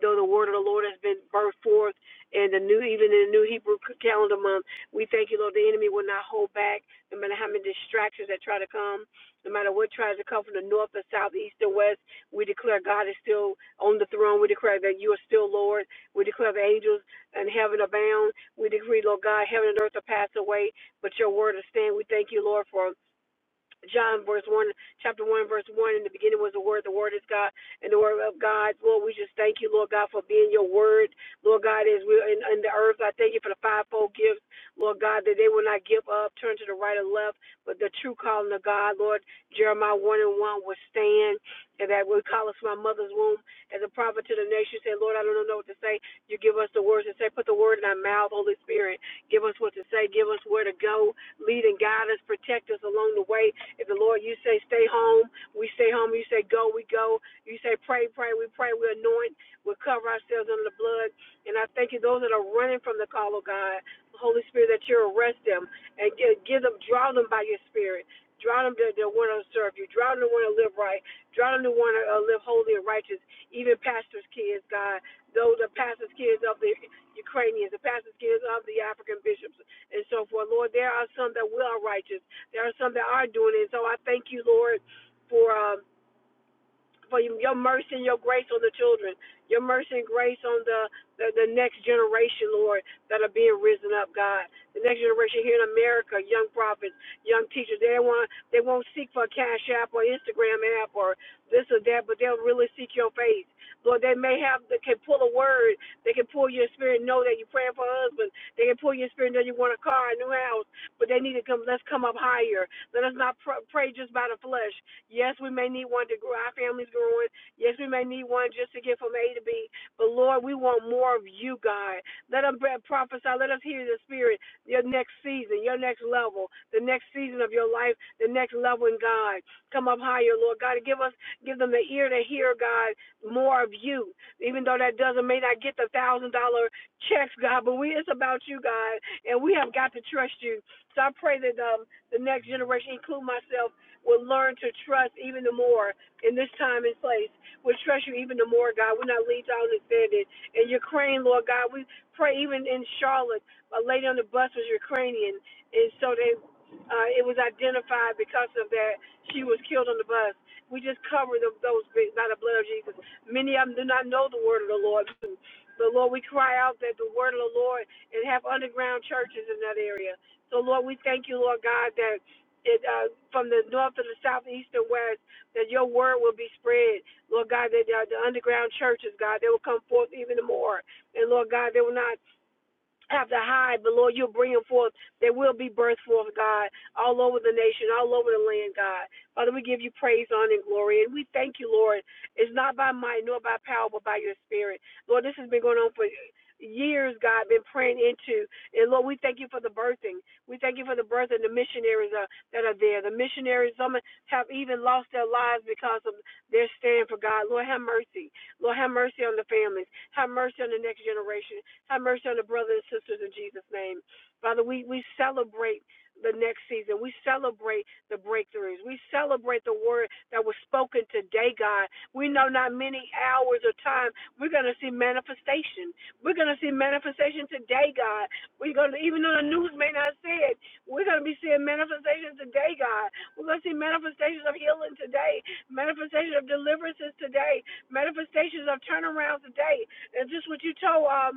S7: Though the word of the Lord has been birthed forth in the new even in the new Hebrew calendar month, we thank you, Lord. The enemy will not hold back, no matter how many distractions that try to come, no matter what tries to come from the north, the south, the east, or west. We declare God is still on the throne. We declare that you are still Lord. We declare the angels and heaven abound. We decree, Lord God, heaven and earth will pass away, but your word will stand. We thank you, Lord, for John verse one, chapter one, verse one. In the beginning was the Word. The Word is God, and the Word of God. Lord, we just thank you, Lord God, for being your Word. Lord God, as we're in, in the earth, I thank you for the fivefold gifts, Lord God, that they will not give up, turn to the right or left, but the true calling of God, Lord. Jeremiah one and one will stand, and that will call us from my mother's womb as a prophet to the nation. Say, Lord, I don't know what to say. You give us the words to say. Put the word in our mouth, Holy Spirit. Give us what to say. Give us where to go. Lead and guide us. Protect us along the way if the Lord, you say stay home, we stay home. You say go, we go. You say pray, pray, we pray. We anoint, we cover ourselves under the blood. And I thank you, those that are running from the call of God, Holy Spirit, that you arrest them and give, them, draw them by your Spirit. Draw them to, to want to serve you. Draw them to want to live right. Draw them to want to uh, live holy and righteous. Even pastors' kids, God, those are pastors' kids of the Ukrainians, the pastors' kids of the African bishops, and so forth. Lord, there are some that will are righteous, there are some that are doing it. So I thank you, Lord, for um, for your mercy and your grace on the children, your mercy and grace on the, the, the next generation, Lord, that are being risen up, God. The next generation here in America, young prophets, young teachers, they want they won't seek for a cash app or Instagram app or this or that, but they'll really seek your face. Lord, they may have they can pull a word, they can pull your spirit, know that you're praying for a husband, they can pull your spirit, know you want a car, a new house, but they need to come. Let's come up higher. Let us not pr- pray just by the flesh. Yes, we may need one to grow our families growing. Yes, we may need one just to get from A to B. But Lord, we want more of you, God. Let us prophesy. Let us hear the Spirit. Your next season, your next level, the next season of your life, the next level in God. Come up higher, Lord God. Give us, give them the ear to hear, God, more of you. Even though that doesn't may not get the thousand dollar checks, God, but we it's about you, God, and we have got to trust you. So I pray that um, the next generation, include myself will learn to trust even the more in this time and place. We'll trust you even the more, God. We're not leads out understanding. And Ukraine, Lord God, we pray even in Charlotte, a lady on the bus was Ukrainian, and so they uh, it was identified because of that she was killed on the bus. We just cover them, those bi- by the blood of Jesus. Many of them do not know the word of the Lord. But Lord, we cry out that the word of the Lord and have underground churches in that area. So Lord, we thank you, Lord God, that it, uh, from the north to the south, east and west, that your word will be spread. Lord God, that uh, the underground churches, God, they will come forth even more. And Lord God, they will not have to hide, but Lord, you'll bring them forth. They will be birthed forth, God, all over the nation, all over the land, God. Father, we give you praise, honor, and glory. And we thank you, Lord. It's not by might nor by power, but by your spirit. Lord, this has been going on for years, God, been praying into. And Lord, we thank you for the birthing. We thank you for the birth and the missionaries uh, that are there. The missionaries, some have even lost their lives because of their stand for God. Lord, have mercy. Lord, have mercy on the families. Have mercy on the next generation. Have mercy on the brothers and sisters in Jesus' name. Father, we, we celebrate the next season. We celebrate the breakthroughs. We celebrate the word that was spoken today, God. We know not many hours or time we're going to see manifestation. We're going to see manifestation today, God. We're going to, even though the news may not say it, we're going to be seeing manifestations today, God. We're going to see manifestations of healing today, manifestations of deliverances today, manifestations of turnarounds today. and just what you told? um,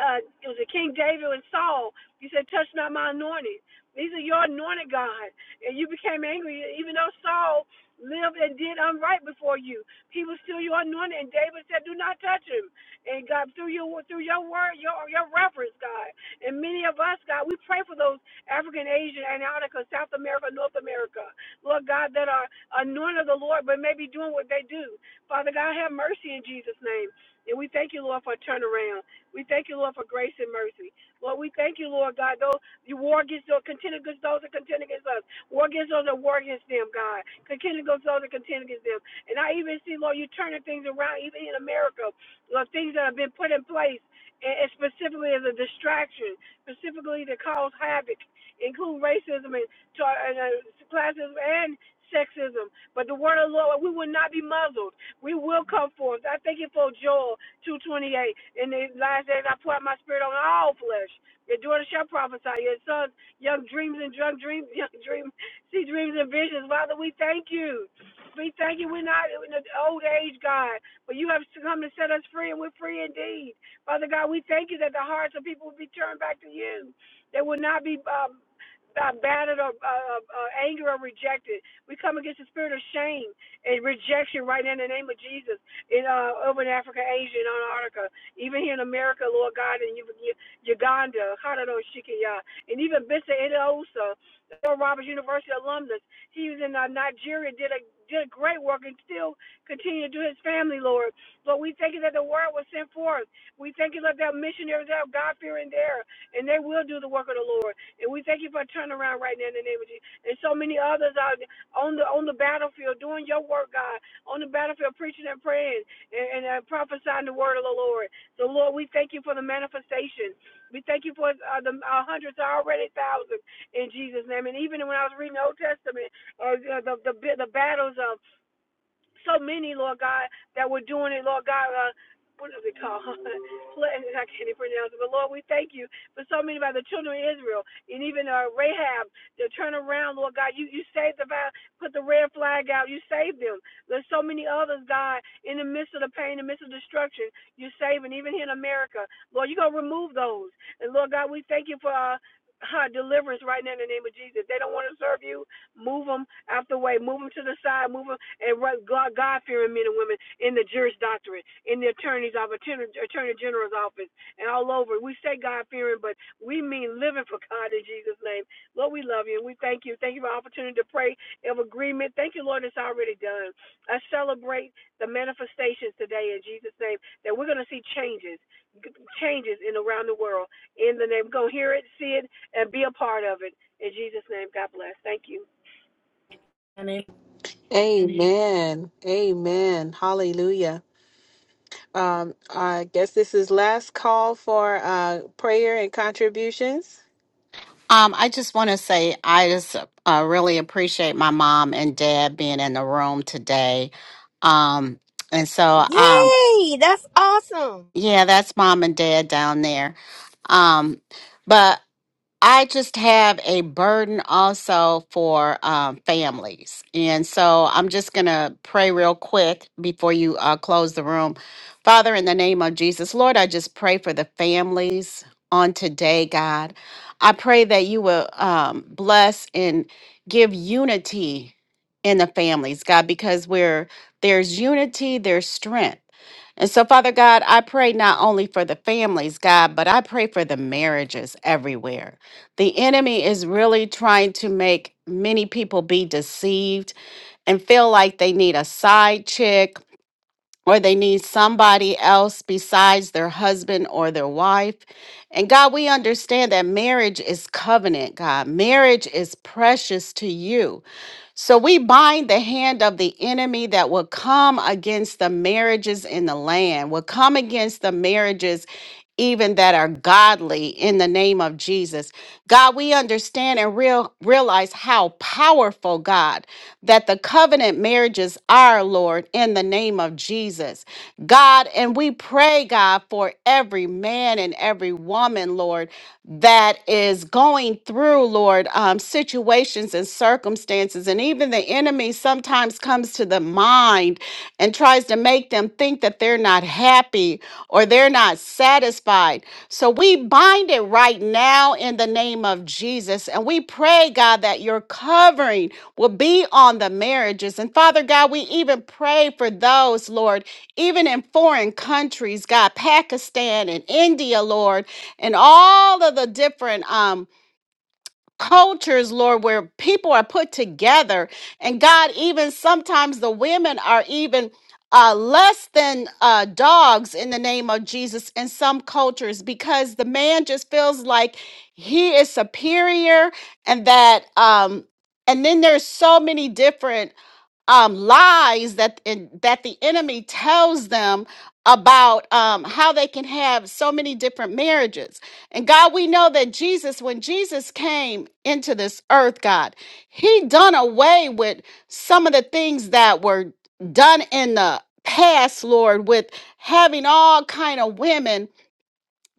S7: uh, it was a King David and Saul. You said, "Touch not my anointing." These are your anointed, God, and you became angry, even though Saul lived and did unright before you. He was still your anointed, and David said, "Do not touch him." And God, through your through your word, your your reference, God, and many of us, God, we pray for those African, Asian, Antarctica, South America, North America, Lord God, that are anointed of the Lord, but maybe doing what they do. Father God, have mercy in Jesus' name, and we thank you, Lord, for a turnaround. We thank you, Lord, for grace and mercy. Lord, we thank you, Lord God, though you war against those, contend against those that contend against us. War against those that war against them, God. Contend against those that contend against them. And I even see, Lord, you turning things around, even in America, Lord, things that have been put in place, and and specifically as a distraction, specifically to cause havoc, include racism and, tar- and uh, classism and sexism. But the word of the Lord, we will not be muzzled. We will come forth. I thank you for Joel 2.28. In the last days I pour out my spirit on all flesh. Your daughter shall prophesy. Your sons, young dreams and drunk dreams, young dream, see dreams and visions. Father, we thank you. We thank you. We're not in the old age, God, but you have come to set us free, and we're free indeed. Father God, we thank you that the hearts of people will be turned back to you. They will not be um, uh, battered or uh, uh, angered or rejected. We come against the spirit of shame and rejection right now in the name of Jesus in uh, over in Africa, Asia, and Antarctica, even here in America, Lord God, and U- U- Uganda, Haradoshikiya, and even Bissa Idosa, Earl Roberts University alumnus. He was in uh, Nigeria, did a did a great work and still continue to do his family, Lord. But we thank you that the word was sent forth. We thank you that there are missionaries that have God fearing there, and they will do the work of the Lord. And we thank you for a turnaround right now in the name of Jesus. And so many others are on the on the battlefield, doing your work, God, on the battlefield, preaching and praying and, and uh, prophesying the word of the Lord. So, Lord, we thank you for the manifestation. We thank you for uh, the uh, hundreds, already thousands, in Jesus' name. And even when I was reading the Old Testament, uh, the, the the battles of so many, Lord God, that were doing it, Lord God. Uh, what is it called? Flooding, I can't even pronounce it. But Lord, we thank you for so many by the children of Israel and even uh, Rahab to turn around, Lord God. You you saved the vi- put the red flag out. You saved them. There's so many others, God, in the midst of the pain, in the midst of destruction. You're saving even here in America, Lord. You're gonna remove those. And Lord God, we thank you for uh, uh, deliverance right now in the name of Jesus. They don't want to serve you. Move them out the way. Move them to the side. Move them and run God, God-fearing men and women in the juris doctorate, in the attorney's office, attorney, attorney general's office, and all over. We say God-fearing, but we mean living for God in Jesus' name. Lord, we love you and we thank you. Thank you for the opportunity to pray of agreement. Thank you, Lord, it's already done. I celebrate the manifestations today in Jesus' name that we're going to see changes, changes in around the world. In the name, we're going to hear it, see it, and be a part of it. In Jesus' name, God bless. Thank you.
S6: Amen. Amen. Hallelujah. Um, I guess this is last call for uh, prayer and contributions.
S4: Um, I just want to say I just uh, really appreciate my mom and dad being in the room today. Um, and so, um,
S5: Yay! That's awesome.
S4: yeah, that's mom and dad down there. Um, but I just have a burden also for um, families. And so I'm just going to pray real quick before you uh, close the room. Father, in the name of Jesus, Lord, I just pray for the families on today, God. I pray that you will um, bless and give unity in the families, God, because where there's unity, there's strength. And so, Father God, I pray not only for the families, God, but I pray for the marriages everywhere. The enemy is really trying to make many people be deceived and feel like they need a side chick or they need somebody else besides their husband or their wife. And God, we understand that marriage is covenant, God. Marriage is precious to you. So we bind the hand of the enemy that will come against the marriages in the land, will come against the marriages even that are godly in the name of Jesus. God, we understand and real, realize how powerful, God, that the covenant marriages are, Lord, in the name of Jesus. God, and we pray, God, for every man and every woman, Lord that is going through, Lord, um, situations and circumstances. And even the enemy sometimes comes to the mind and tries to make them think that they're not happy or they're not satisfied. So we bind it right now in the name of Jesus. And we pray, God, that your covering will be on the marriages. And Father God, we even pray for those, Lord, even in foreign countries, God, Pakistan and India, Lord and all of the different um cultures lord where people are put together and god even sometimes the women are even uh, less than uh, dogs in the name of Jesus in some cultures because the man just feels like he is superior and that um and then there's so many different um, lies that in, that the enemy tells them about um, how they can have so many different marriages. And God, we know that Jesus, when Jesus came into this earth, God, He done away with some of the things that were done in the past, Lord, with having all kind of women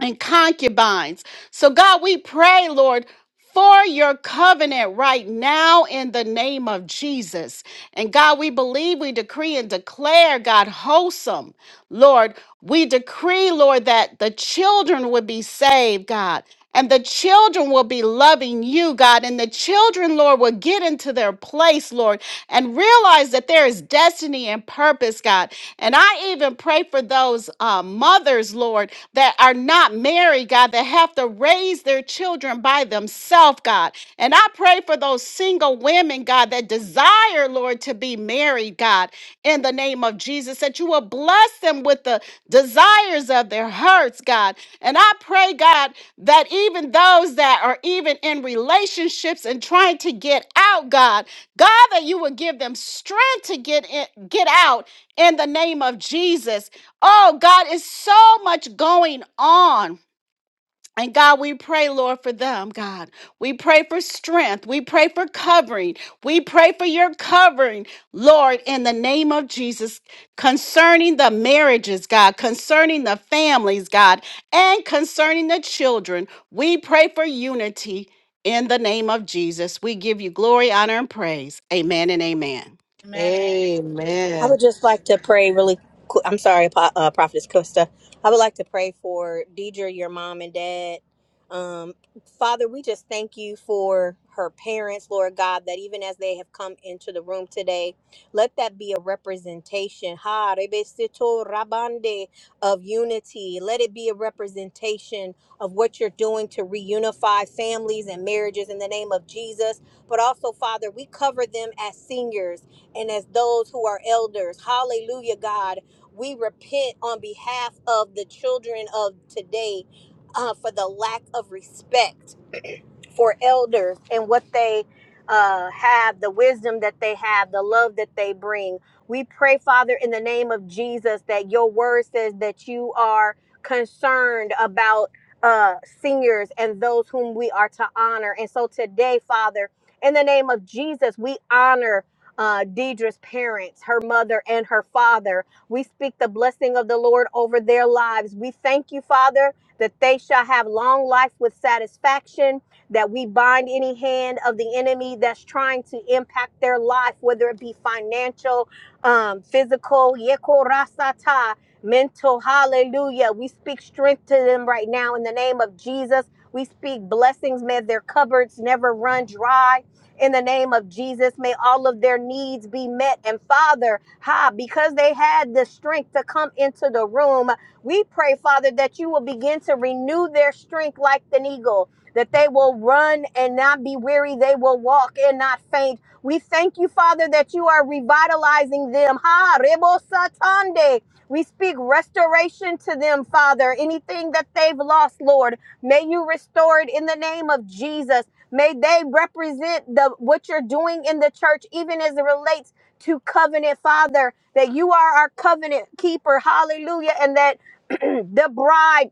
S4: and concubines. So, God, we pray, Lord. For your covenant right now in the name of Jesus. And God, we believe, we decree and declare, God, wholesome. Lord, we decree, Lord, that the children would be saved, God. And the children will be loving you, God. And the children, Lord, will get into their place, Lord, and realize that there is destiny and purpose, God. And I even pray for those uh, mothers, Lord, that are not married, God, that have to raise their children by themselves, God. And I pray for those single women, God, that desire, Lord, to be married, God in the name of Jesus, that you will bless them with the desires of their hearts, God. And I pray, God, that even those that are even in relationships and trying to get out, God, God, that you would give them strength to get in, get out in the name of Jesus. Oh, God, it's so much going on. And God, we pray, Lord, for them, God. We pray for strength. We pray for covering. We pray for your covering, Lord, in the name of Jesus, concerning the marriages, God, concerning the families, God, and concerning the children. We pray for unity in the name of Jesus. We give you glory, honor, and praise. Amen and amen.
S2: Amen.
S5: I
S6: Amen.
S5: would just like to pray really qu I'm sorry, Po- uh, Prophetess Costa. I would like to pray for Deidre, your mom and dad. Um, Father, we just thank you for her parents, Lord God, that even as they have come into the room today, let that be a representation ha, rebesito rabande, of unity. Let it be a representation of what you're doing to reunify families and marriages in the name of Jesus. But also, Father, we cover them as seniors and as those who are elders. Hallelujah, God. We repent on behalf of the children of today uh, for the lack of respect for elders and what they uh, have, the wisdom that they have, the love that they bring. We pray, Father, in the name of Jesus, that your word says that you are concerned about uh, seniors and those whom we are to honor. And so today, Father, in the name of Jesus, we honor. Uh, Deidre's parents, her mother, and her father. We speak the blessing of the Lord over their lives. We thank you, Father, that they shall have long life with satisfaction that we bind any hand of the enemy that's trying to impact their life, whether it be financial, um, physical, yekorasata, mental, hallelujah. We speak strength to them right now in the name of Jesus. We speak blessings. May their cupboards never run dry. In the name of Jesus, may all of their needs be met. And Father, ha, because they had the strength to come into the room, we pray, Father, that you will begin to renew their strength like an eagle that they will run and not be weary, they will walk and not faint. We thank you, Father, that you are revitalizing them. Ha, rebo satande. We speak restoration to them, Father. Anything that they've lost, Lord, may you restore it in the name of Jesus. May they represent the what you're doing in the church, even as it relates to covenant, Father, that you are our covenant keeper. Hallelujah. And that the bride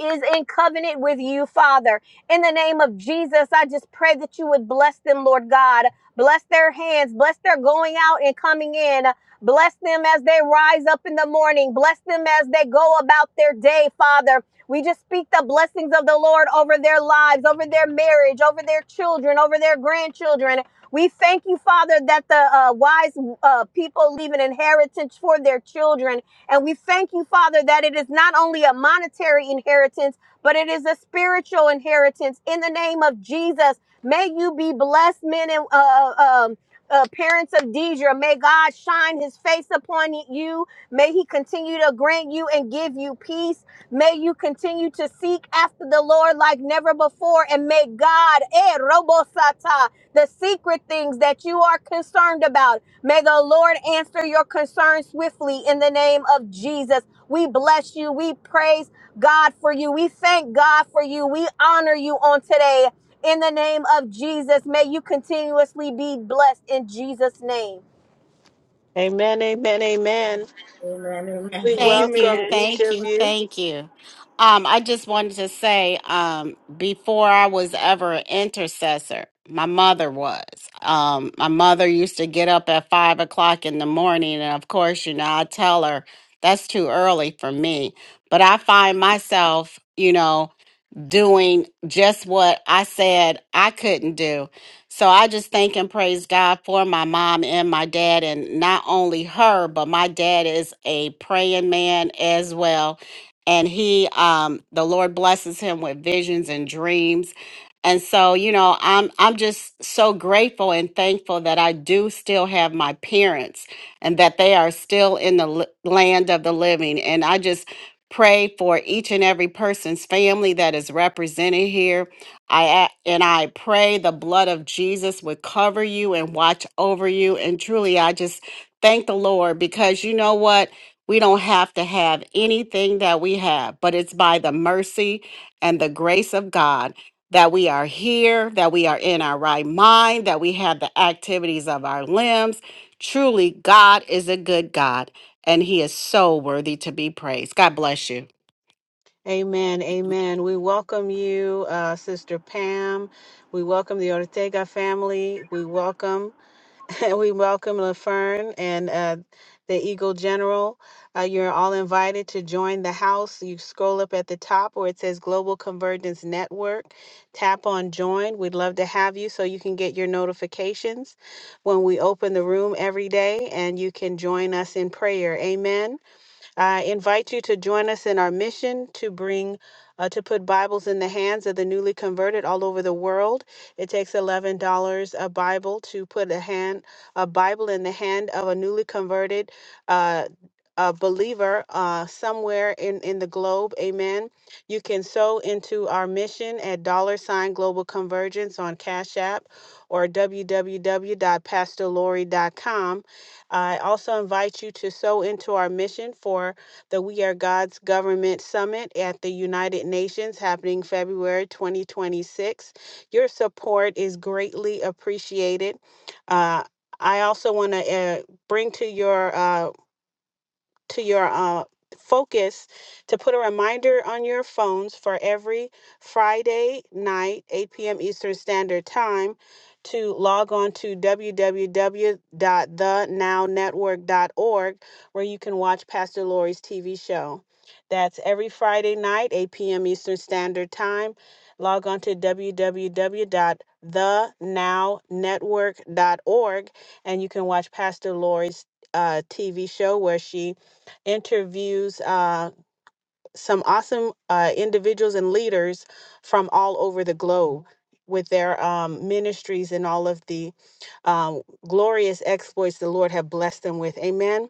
S5: is in covenant with you, Father. In the name of Jesus, I just pray that you would bless them, Lord God. Bless their hands, bless their going out and coming in. Bless them as they rise up in the morning. Bless them as they go about their day, Father. We just speak the blessings of the Lord over their lives, over their marriage, over their children, over their grandchildren. We thank you, Father, that the uh, wise uh, people leave an inheritance for their children. And we thank you, Father, that it is not only a monetary inheritance, but it is a spiritual inheritance. In the name of Jesus, may you be blessed, men and uh, uh, um, uh, parents of Deidre. May God shine his face upon you. May he continue to grant you and give you peace. May you continue to seek after the Lord like never before, and may God, eh, robosata, the secret things that you are concerned about, may the Lord answer your concerns swiftly in the name of Jesus. We bless you. We praise God for you. We thank God for you. We honor you on today. In the name of Jesus, may you continuously be blessed in Jesus' name.
S6: Amen. Amen. Amen.
S2: Amen. Amen. Amen.
S6: We
S2: amen.
S4: Thank you,
S6: welcome
S7: Amen.
S6: each
S4: thank
S6: of
S4: you,
S6: you.
S4: thank you. Um, I just wanted to say, um, before I was ever an intercessor, my mother was. Um, my mother used to get up at five o'clock in the morning, and of course, you know, I tell her that's too early for me. But I find myself, you know, doing just what I said I couldn't do. So I just thank and praise God for my mom and my dad, and not only her, but my dad is a praying man as well. And he, um, the Lord blesses him with visions and dreams. And so, you know, I'm I'm just so grateful and thankful that I do still have my parents and that they are still in the l- land of the living. And I just pray for each and every person's family that is represented here. I a- and I pray the blood of Jesus would cover you and watch over you. And truly, I just thank the Lord because you know what? We don't have to have anything that we have, but it's by the mercy and the grace of God that we are here, that we are in our right mind, that we have the activities of our limbs. Truly, God is a good God and he is so worthy to be praised. God bless you.
S6: Amen. Amen. We welcome you, uh, Sister Pam. We welcome the Ortega family. We welcome we welcome LaFern and uh, the Eagle General. Uh, you're all invited to join the house. You scroll up at the top where it says Global Convergence Network. Tap on join. We'd love to have you so you can get your notifications when we open the room every day and you can join us in prayer. Amen. I invite you to join us in our mission to bring, uh, to put Bibles in the hands of the newly converted all over the world. It takes eleven dollars a Bible to put a hand, a Bible in the hand of a newly converted. Uh, a believer uh, somewhere in, in the globe, amen. You can sow into our mission at dollar sign global convergence on Cash App or www.pastorlaurie.com I also invite you to sow into our mission for the We Are God's Government Summit at the United Nations happening February 2026. Your support is greatly appreciated. Uh, I also want to uh, bring to your uh, to your uh, focus to put a reminder on your phones for every Friday night, 8 p.m. Eastern Standard Time, to log on to www.thenownetwork.org where you can watch Pastor Lori's TV show. That's every Friday night, 8 p.m. Eastern Standard Time. Log on to www.thenownetwork.org and you can watch Pastor Lori's uh, TV show where she interviews uh, some awesome uh, individuals and leaders from all over the globe with their um, ministries and all of the um, glorious exploits the Lord have blessed them with. Amen.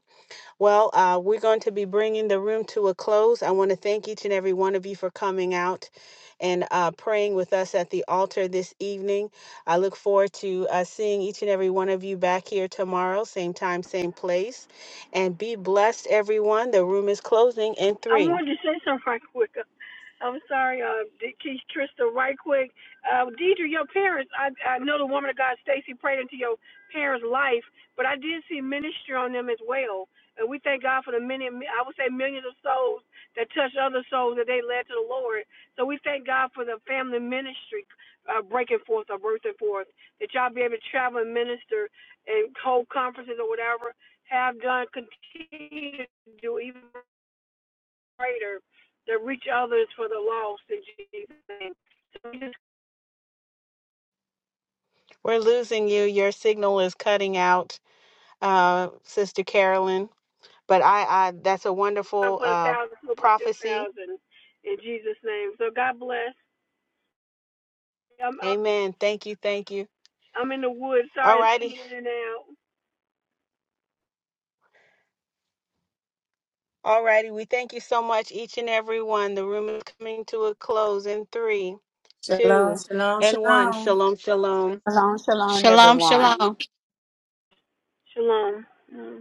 S6: Well, uh, we're going to be bringing the room to a close. I want to thank each and every one of you for coming out and uh, praying with us at the altar this evening. I look forward to uh, seeing each and every one of you back here tomorrow, same time, same place. And be blessed, everyone. The room is closing in
S7: I
S6: three.
S7: wanted to say something right quick. I'm sorry, uh, D- Keith Trista, right quick. Uh, Deidre, your parents, I, I know the woman of God, Stacy, prayed into your parents' life, but I did see ministry on them as well. And we thank God for the many, I would say millions of souls that touched other souls that they led to the Lord. So we thank God for the family ministry uh, breaking forth or birthing forth, that y'all be able to travel and minister and hold conferences or whatever, have done, continue to do, even greater to reach others for the lost in Jesus' name. So we just
S6: We're losing you. Your signal is cutting out, uh, Sister Carolyn. But I, I that's a
S7: come
S6: wonderful
S7: put a
S6: uh,
S7: thousand, we'll put ten
S6: prophecy.
S7: thousand in Jesus' name. So God bless. I'm I'm,
S6: Amen. Thank you. Thank you.
S7: I'm in the woods. Sorry,
S6: All
S7: it's
S6: righty.
S7: coming in and out.
S6: All righty. We thank you so much, each and every one. The room is coming to a close in three,
S2: Shalom.
S6: two,
S2: Shalom.
S6: and one.
S2: Shalom.
S6: Shalom, shalom.
S8: Shalom, shalom,
S4: Shalom,
S8: everyone.
S4: shalom.
S7: Shalom. Mm-hmm.